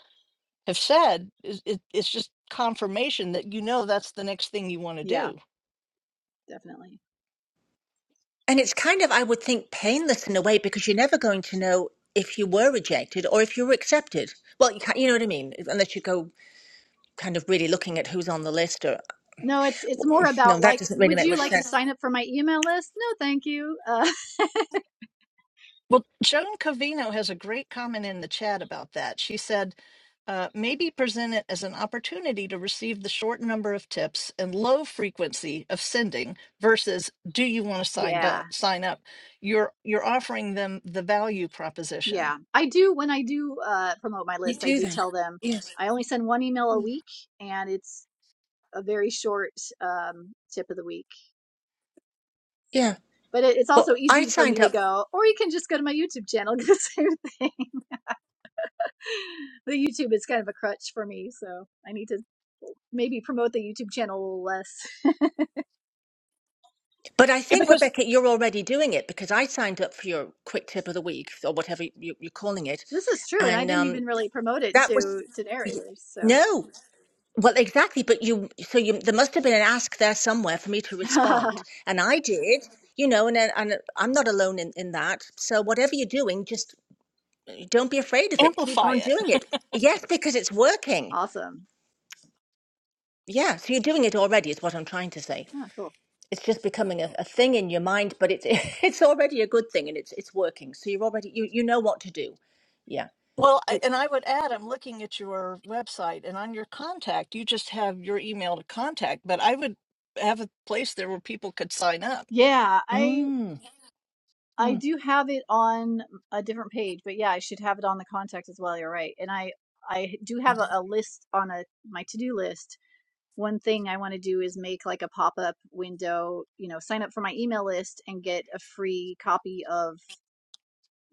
have said, is it, it's just confirmation that you know that's the next thing you want to yeah, do. definitely. And it's kind of, I would think, painless in a way because you're never going to know if you were rejected or if you were accepted. Well, you, can't, you know what I mean? Unless you go kind of really looking at who's on the list or, No, it's it's more mm, no, about that like, doesn't really would make you much like to sense. sign up for my email list? No, thank you. Uh, Well, Joan Covino has a great comment in the chat about that. She said, uh, maybe present it as an opportunity to receive the short number of tips and low frequency of sending versus do you want to sign yeah, up sign up you're you're offering them the value proposition yeah. I do when I do uh, promote my You list. I do do that. tell them Yes. I only send one email a week, and it's a very short um, tip of the week. So, Yeah. but it, it's Well, also I easy for me signed to up, go, or you can just go to my YouTube channel. Do the same thing. The YouTube is kind of a crutch for me, so I need to maybe promote the YouTube channel a little less. but I yeah think, because Rebecca, you're already doing it because I signed up for your quick tip of the week or whatever you, you're calling it. this is true, and I And didn't um, even really promote it That to was to y- narrators. So no. Well, exactly. But you, so you, there must have been an ask there somewhere for me to respond, and I did. You know, and then- and I'm not alone in in that. So whatever you're doing, just don't be afraid of it. Keep amplify on doing it it. Yes, because it's working. Awesome. Yeah, so you're doing it already. Is what I'm trying to say. Yeah, cool. It's just becoming a, a thing in your mind, but it's it's already a good thing, and it's it's working. So you're already you you know what to do. Yeah. well I- and i would add i'm looking at your website and on your contact you just have your email to contact but i would have a place there where people could sign up Yeah, I Mm. I Mm. do have it on a different page, but yeah, I should have it on the contact as well. You're right. And I I do have a, a list on a my to-do list. One thing I want to do is make like a pop-up window, you know, sign up for my email list and get a free copy of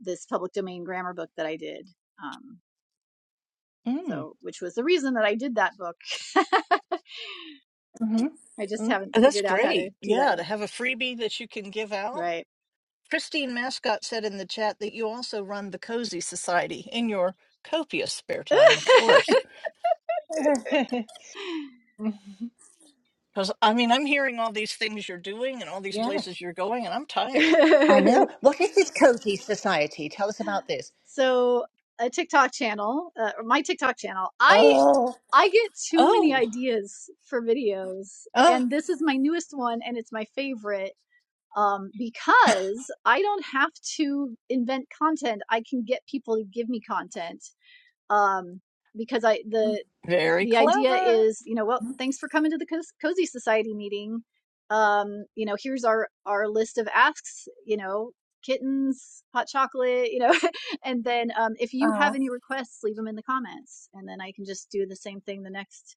this public domain grammar book that I did. Um, Mm. so which was the reason that I did that book. I just Mm-hmm. haven't And That's figured out how to great. do that Yeah, to yet. have a freebie that you can give out. Right. Christine Mascott said in the chat that you also run the Cozy Society in your copious spare time, of course. Mm. Because, I mean, I'm hearing all these things you're doing and all these Yeah, places you're going, and I'm tired. I know. What is this cozy society? Tell us about this. so a TikTok channel, uh, or my TikTok channel. I Oh, I get too many Oh, ideas for videos, oh, and this is my newest one, and it's my favorite um, because I don't have to invent content. I can get people to give me content um, because I the very the idea clever. is, you know, well, thanks for coming to the Cozy Society meeting. Um, you know, here's our our list of asks. You know, kittens, hot chocolate. You know, and then um, if you have oh. any requests, leave them in the comments, and then I can just do the same thing the next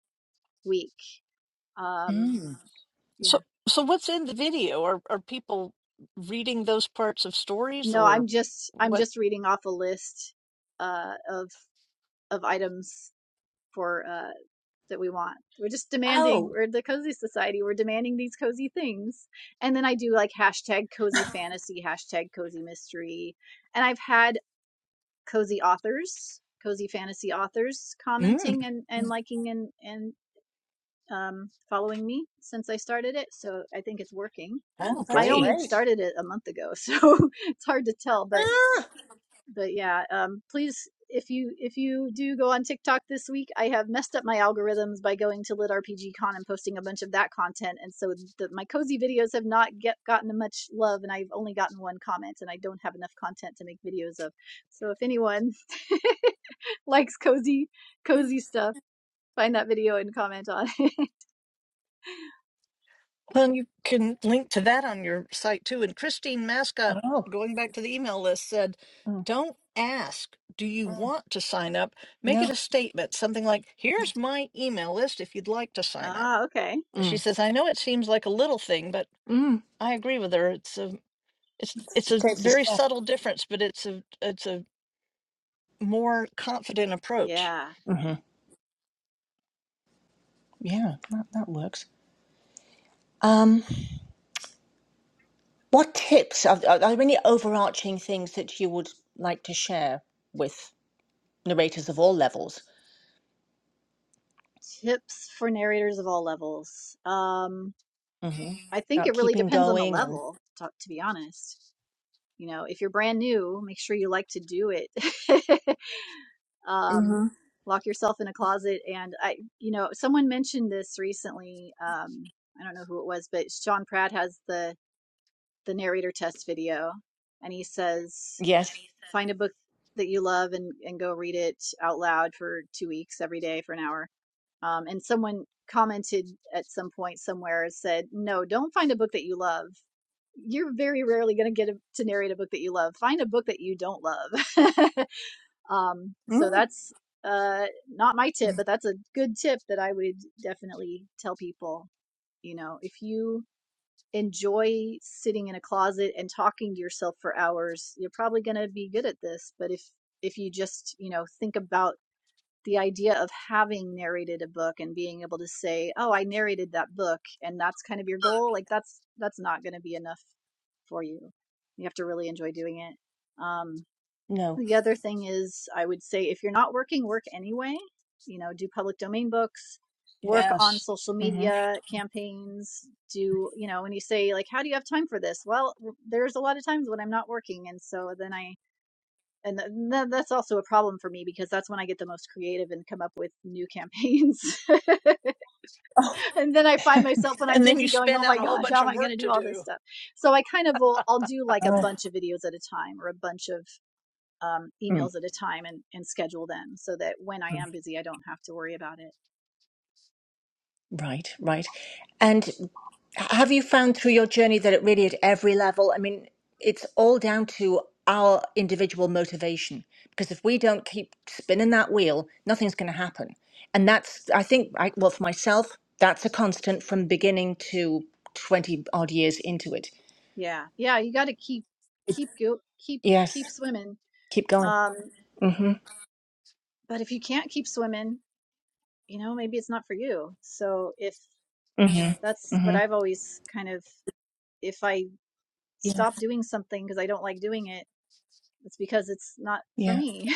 week. Um, Mm. yeah, So, so what's in the video? Are are people reading those parts of stories no, I'm or just I'm what? just reading off a list uh, of of items for uh, that we want. We're just demanding, Oh, we're the cozy society, we're demanding these cozy things. And then I do like hashtag cozy fantasy, hashtag cozy mystery. And I've had cozy authors, cozy fantasy authors mm, commenting and, and liking and, and um, following me since I started it. So I think it's working. Oh, oh, I that's great. only great. started it a month ago, so it's hard to tell, but Ah. but yeah um please if you if you do go on tiktok this week i have messed up my algorithms by going to lit rpg con and posting a bunch of that content and so the, my cozy videos have not get gotten much love and i've only gotten one comment and i don't have enough content to make videos of so if anyone likes cozy cozy stuff find that video and comment on it. Well, you can link to that on your site too. And Christine Mascot, Oh, going back to the email list, said, mm. don't ask, do you Mm. want to sign up? Make it no. a statement, something like, here's my email list if you'd like to sign up. ah, okay. And she Mm. says, I know it seems like a little thing, but Mm. I agree with her. It's a it's it's It a takes a very step. subtle difference, but it's a it's a more confident approach. Yeah. hmm Yeah, that, that works. Um, what tips are, are are there any overarching things that you would like to share with narrators of all levels Tips for narrators of all levels. Um, hmm I think about it really keeping depends on the going and level, to, to be honest. You know, if you're brand new, make sure you like to do it. um, Mhm. lock yourself in a closet. And I, you know, someone mentioned this recently. Um, I don't know who it was, but Sean Pratt has the the narrator test video, and he says, yes. find a book that you love and and go read it out loud for two weeks every day for an hour. Um, and someone commented at some point somewhere said, no, don't find a book that you love. You're very rarely going to get a, to narrate a book that you love. Find a book that you don't love. Um, so Mm. that's uh, not my tip, but that's a good tip that I would definitely tell people. You know, if you enjoy sitting in a closet and talking to yourself for hours, you're probably going to be good at this. But if if you just you know think about the idea of having narrated a book and being able to say, "Oh, I narrated that book," and that's kind of your goal, like that's that's not going to be enough for you. You have to really enjoy doing it. Um, No. the other thing is, I would say if you're not working, work anyway. You know, do public domain books, work on Yes. social hmm media campaigns. Do, you know, when you say, like, how do you have time for this? Well, there's a lot of times when I'm not working. And so then I, and th- that's also a problem for me because that's when I get the most creative and come up with new campaigns. and then I find myself when I'm And then you busy going, spin oh my out a whole gosh, how bunch am of I going work to do to all this do. stuff? So I kind of will, I'll do like a bunch of videos at a time or a bunch of um, Mm, emails at a time and, and schedule them so that when I mm. am busy, I don't have to worry about it. Right, right. And have you found through your journey that it really at every level, I mean, it's all down to our individual motivation. Because if we don't keep spinning that wheel, nothing's going to happen. And that's, I think, I, well, for myself, that's a constant from beginning to 20 odd years into it. Yeah. Yeah. You got to keep, keep, go, keep, Yes, keep swimming. keep going. Um, Mm-hmm, but if you can't keep swimming, you know, maybe it's not for you. So if mm-hmm, that's what mm-hmm. I've always kind of, if I Yeah, stop doing something because I don't like doing it, it's because it's not for yeah. me.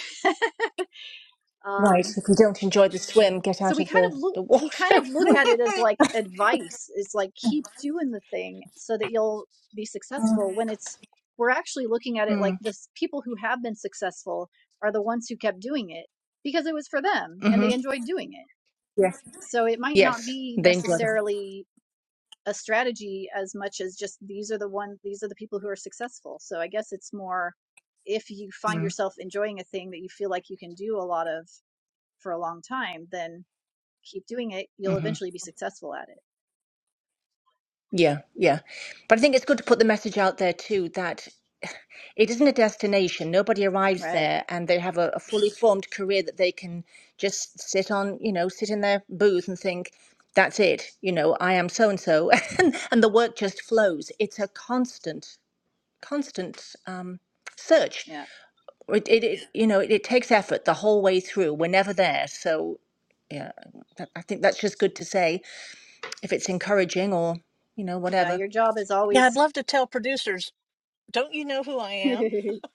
Right. um, If you don't enjoy the swim, get so out we of kind the, of look the we kind water. of look at it as like advice it's like keep doing the thing so that you'll be successful when it's we're actually looking at it like Mm. this people who have been successful are the ones who kept doing it because it was for them and Mm-hmm. they enjoyed doing it yeah. so it might not Yes, be they enjoy that. necessarily a strategy as much as just these are the one these are the people who are successful so i guess it's more if you find yourself enjoying a thing that you feel like you can do a lot of for a long time then keep doing it, you'll Mm-hmm. eventually be successful at it. Yeah, yeah. But I think it's good to put the message out there too that it isn't a destination. Nobody arrives Right. there and they have a, a fully formed career that they can just sit on, you know, sit in their booth and think, that's it, you know, I am so and so. And and the work just flows. It's a constant, constant um, search. Yeah. It, it, it you know, it, it takes effort the whole way through. We're never there. So, yeah, that, I think that's just good to say. if it's encouraging or you know Yeah. whatever. Your job is Yeah, I'd always love to tell producers, don't you know who I am?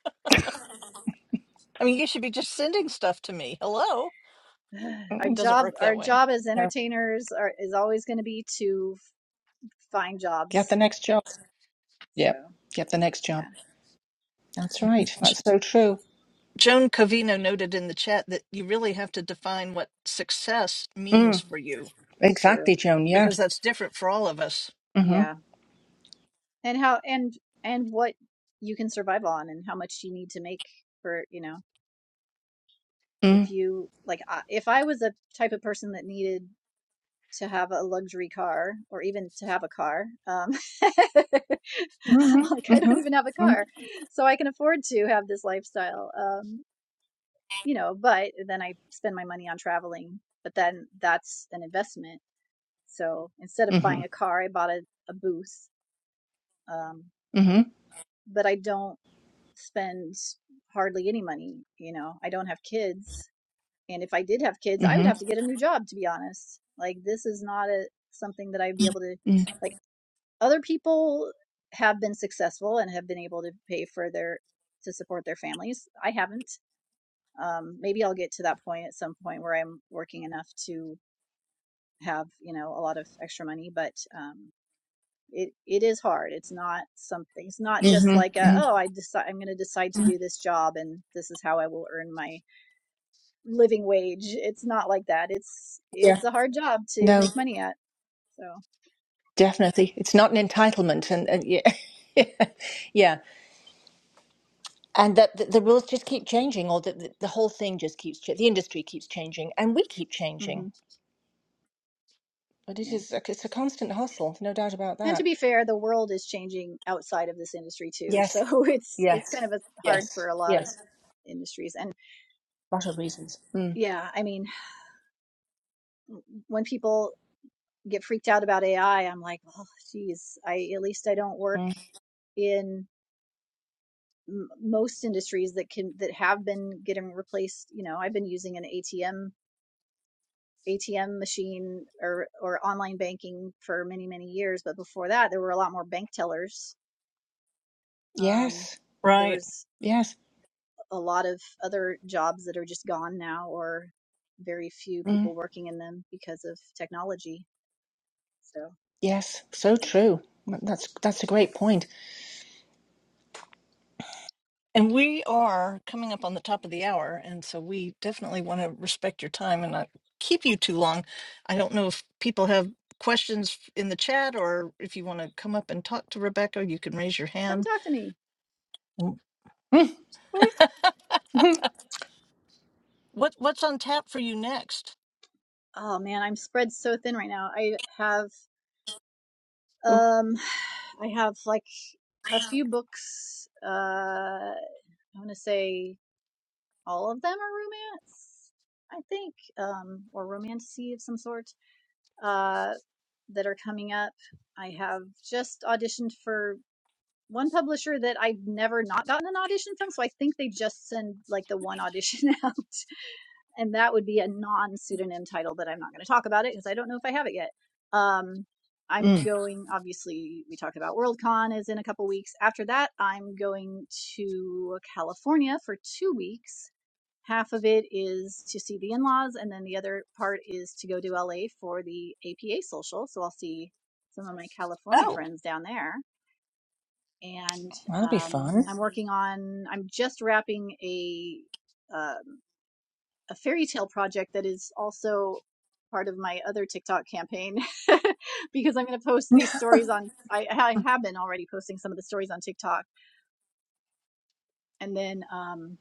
I mean, you should be just sending stuff to me. Hello? our It Mm, doesn't job work that our way. job as No, entertainers are is always going to be to f- find get the jobs. next job. Yeah, So get the next job. yeah, That's right. J- That's so true. Joan Covino noted in the chat that you really have to define what success means Mm, for you it's true. exactly, Joan. Yeah. because that's different for all of us. Mm-hmm. Yeah. And how and and what you can survive on and how much you need to make for, you know, if Mm. you like I- if I was a type of person that needed to have a luxury car or even to have a car. Um, like Mm-hmm. I Mm-hmm. don't even have a Mm. car, so I can afford to have this lifestyle. Um, you know, but then I spend my money on traveling. But then that's an investment. So instead of Mm-hmm. buying a car, I bought a, a booth. Um, Mm-hmm. but I don't spend hardly any money. You know, I don't have kids, and if I did have kids, I would Mm-hmm. have to get a new job. To be honest, like this is not a something that I'd be able to Mm. like Other people have been successful and have been able to pay for their to support their families. I haven't. Um, maybe I'll get to that point at some point where I'm working enough to have you know a lot of extra money, but um, it it is hard. It's not something. It's not just like a Mm-hmm. oh I decide I'm going to decide to Mm. do this job and this is how I will earn my living wage. It's not like that. It's Yeah. it's a hard job to No, make money at. So. definitely. It's not an entitlement, and, and yeah. Yeah, and that the, the rules just keep changing, or the, the, the whole thing just keeps ch- the industry keeps changing, and we keep changing. hmm But it Yeah. is a, it's a constant hustle, no doubt about And to that. be fair, the world is changing outside of this industry too. So Yes. it's it's kind Yes. of a, hard for Yes. a lot of Yes. industries. And Lots of reasons. Mm. yeah, I mean, when people get freaked out about AI, I'm like, oh, geez, I at least I don't work Mm. in m- most industries that can that have been getting replaced. You know, I've been using an ATM ATM machine or or online banking for many many years. But before that, there were a lot more bank tellers. Um, Yes. there Right. was Yes. a lot of other jobs that are just gone now, or very few Mm. people working in them because of technology. So Yes. So true. That's that's a great point. And we are coming up on the top of the hour. And so we definitely want to respect your time and not keep you too long. I don't know if people have questions in the chat or if you want to come up and talk to Rebecca, you can raise your come hand. talk to me. Mm. Ooh. What, what's on tap for you next? Oh man, I'm spread so thin right now. I have um, I have like a few books. Uh, I want to say all of them are romance, I think, um, or romantasy of some sort uh, that are coming up. I have just auditioned for one publisher that I've never not gotten an audition from. So I think they just send like the one audition out. And that would be a non pseudonym title that I'm not going to talk about it because I don't know if I have it yet. Um, I'm Mm. going, obviously, we talked about WorldCon is in a couple weeks. After that, I'm going to California for two weeks. Half of it is to see the in laws, and then the other part is to go to LA for the APA social. So I'll see some of my California Oh. friends down there and That'll be um, fun. I'm working on. I'm just wrapping a um, a fairy tale project that is also part of my other TikTok campaign because I'm going to post these stories on. I, I have been already posting some of the stories on TikTok, and then um,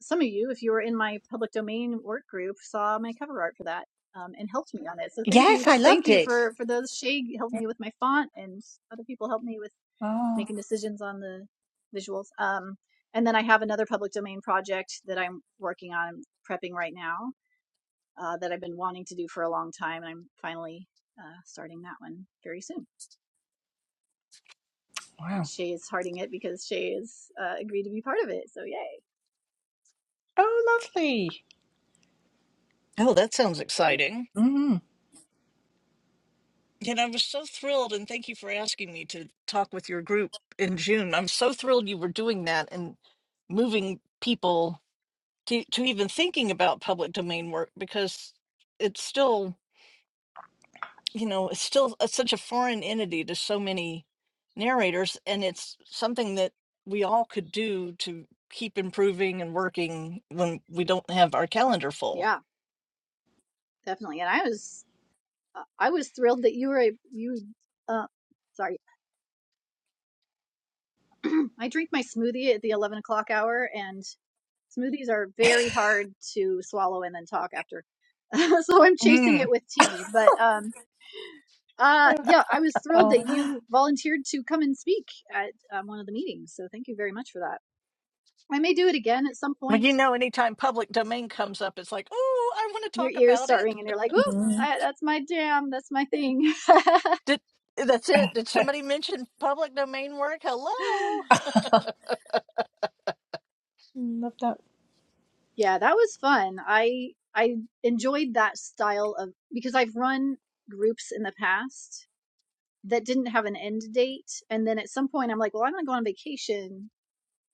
some of you, if you were in my public domain work group, saw my cover art for that. Um, and helped me on it, so thank you, Yes, I thank loved you it. for for those. Shay helped me with my font, and other people helped me with Oh making decisions on the visuals. Um, and then I have another public domain project that I'm working on I'm prepping right now uh, that I've been wanting to do for a long time. And I'm finally uh, starting that one very soon. And wow. Shay is hearting it because Shay has uh, agreed to be part of it. So yay! Oh lovely. Oh, that sounds Yeah, exciting. Mm. And I was so thrilled, and thank you for asking me to talk with your group in June. I'm so thrilled you were doing that and moving people to, to even thinking about public domain work because it's still, you know, it's still a, such a foreign entity to so many narrators, and it's something that we all could do to keep improving and working when we don't have our calendar full. yeah, definitely. And I was uh, I was thrilled that you were a, you. Uh, sorry, I drink my smoothie at the eleven o'clock hour, and Smoothies are very hard to swallow and then talk after. so I'm chasing it Mm. with tea. But um, uh, yeah, I was thrilled oh. that you volunteered to come and speak at um, one of the meetings. So thank you very much for that. I may do it again at some Well, point. you know, anytime public domain comes up, it's like, oh, I want to Your talk ears about start it. ringing. You're like, ooh, Mm. I, that's my jam. That's my thing. Did that's it? Did somebody mention public domain work? Hello. Love that. yeah, that was fun. I I enjoyed that style of because I've run groups in the past that didn't have an end date. And then at some point, I'm like, well, I'm going to go on vacation.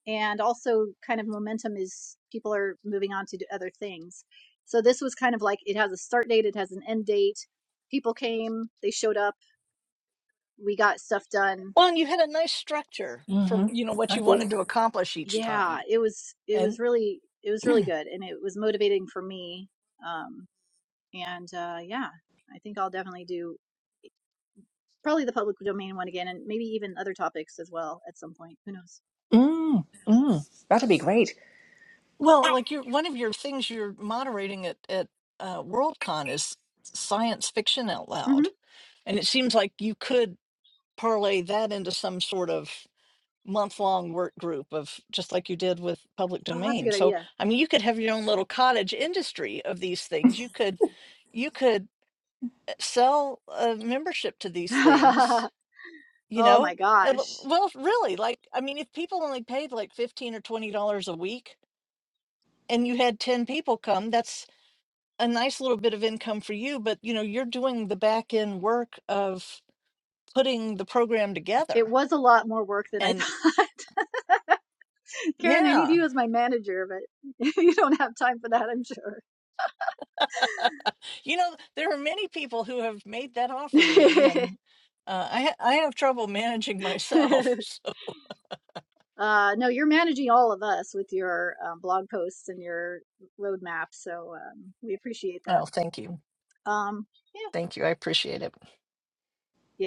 And also, kind of momentum is people are moving on to do other things. So this was kind of like it has a start date, it has an end date. People came, they showed up, we got stuff done. Well, and you had a nice structure for Mm-hmm. you know what I you did. wanted to accomplish each time, Yeah, it was it was and really it was really good, and it was motivating for me. Um, and uh, yeah, I think I'll definitely do probably the public domain one again, and maybe even other topics as well at some point. Who knows? Mm. Mm. That'll be great. well, like you, one of your things you're moderating at at uh, WorldCon is science fiction out hmm loud, and it seems like you could parlay that into some sort of month-long work group of just like you did with public Oh, that's a domain. good idea. So, I mean, you could have your own little cottage industry of these things. You could you could uh, sell a membership to these oh things, you know? my And l- gosh. well, really, like I mean, if people only paid like 15 or 20 dollars a week and you had 10 people come, that's a nice little bit of income for you, but you know, you're doing the back end work of putting the program It together. was a lot more work than I And thought. Karen, I need yeah. you as my manager, but you don't have time for that, I'm You know, there are many people who have made that offer to me, and uh, I ha- I have trouble managing sure. myself. uh, no, you're managing all of us with your um, blog posts and your roadmap, so um, we appreciate So, that. well, thank you, Um, yeah, thank you, I appreciate it.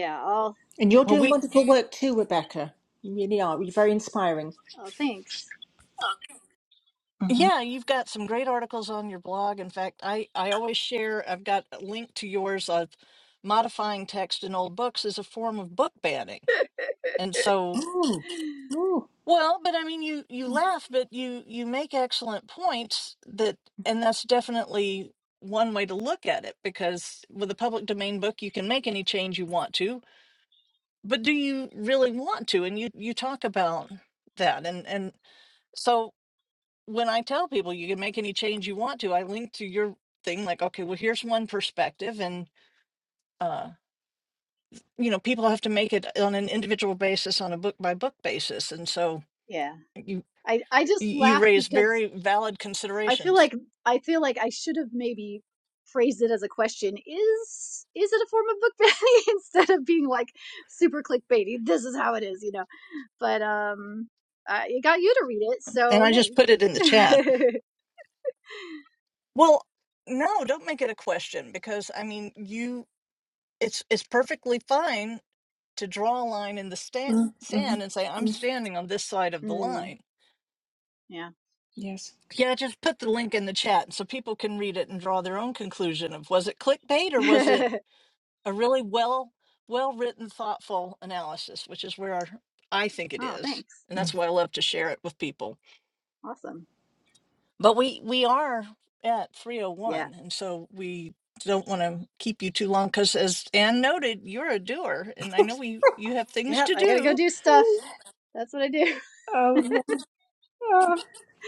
yeah, I'll And you're Well, definitely doing keep we that. in- wonderful work too, Rebecca. You really are. You're very inspiring. Oh, thanks. yeah, you've got some great articles on your blog. In fact, I I always share. I've got a link to yours of modifying text in old books as a form of book banning, and so. Mm, mm, Well, but I mean, you you laugh, but you you make excellent points that, and that's definitely one way to look at it because with a public domain book, you can make any change you want to, but do you really want to? And you you talk about that, and and so when I tell people you can make any change you want to, I link to your thing like, okay, well, here's one perspective, and uh, you know, people have to make it on an individual basis, on a book by book basis, and so. Yeah, you. I I Y- just You laugh raise because very valid I feel considerations. like I feel like I should have maybe phrased it as a question. Is is it a form of book banning instead of being like super clickbaity? This is how it is, you know. But um, uh, it got you to read it, And so I just hey. put it in the chat. Well, no, don't make it a question because I mean, you it's it's perfectly fine to draw a line in the sta- mm, mm, sand and say I'm mm. standing on this side of the mm, line. yeah. Yes. Yeah, just put the link in the chat so people can read it and draw their own conclusion of was it clickbait or was it a really well well written thoughtful analysis, which is where I think it oh, is. thanks. And Mm. that's why I love to share it with people. Awesome. But we we are at Yeah. 301 and so we don't want to keep you too long cuz as Anne noted, you're a doer and I know we you have things Yep. to I gotta go do. do stuff. That's what I do. Oh, Lord.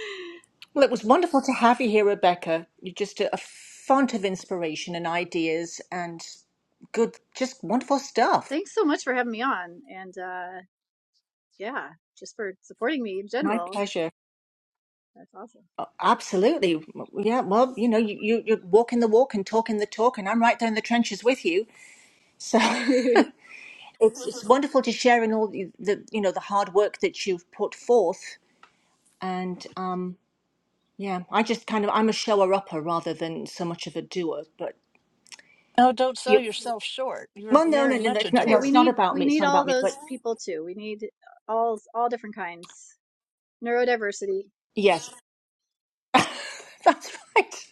Well, it was wonderful to have you here, Rebecca. You're just a, a font of inspiration and ideas and good, just wonderful stuff. thanks so much for having me on, and uh, yeah, just for supporting me in My general. pleasure. That's awesome. Uh, Absolutely. Yeah, well, you know, you, you, you're walking the walk and talking the talk, and I'm right there in the trenches with you. So it's, it's wonderful to share in all the, the, you know, the hard work that you've put forth. And um, Yeah, I just kind of I'm a shower upper rather than so much of a doer. But Oh, don't sell yep. yourself short. You're Well, no, no, very no, no, much a it's not, no, Hey, doer. it's we not need about we me. It's need not about all me. But those people too. We need all all different kinds. Neurodiversity. yes, that's right.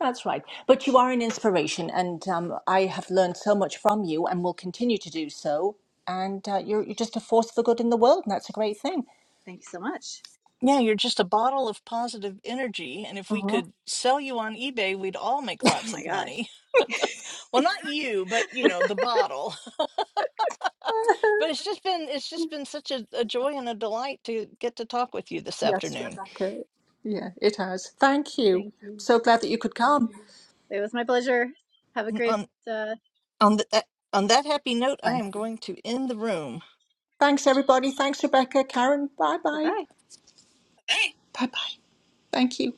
That's right. But you are an inspiration, and um, I have learned so much from you, and will continue to do so. And uh, you're you're just a force for good in the world, and that's a great thing. Thank you so much. Yeah, you're just a bottle of positive energy and if we uh could sell you on eBay, we'd all make Oh lots my of gosh. money. Well, not you, but you know, the bottle. But it's just been it's just been such a, a joy and a delight to get to talk with you this Yes, afternoon. Rebecca. Yeah, it has. Thank you. Thank you. So glad that you could come. It was my pleasure. Have a great On. uh On, th- that on that happy note, I Thank am you. going to end the room. Thanks, everybody. Thanks, Rebecca, Karen. Bye bye bye. bye. Bye bye. Thank you.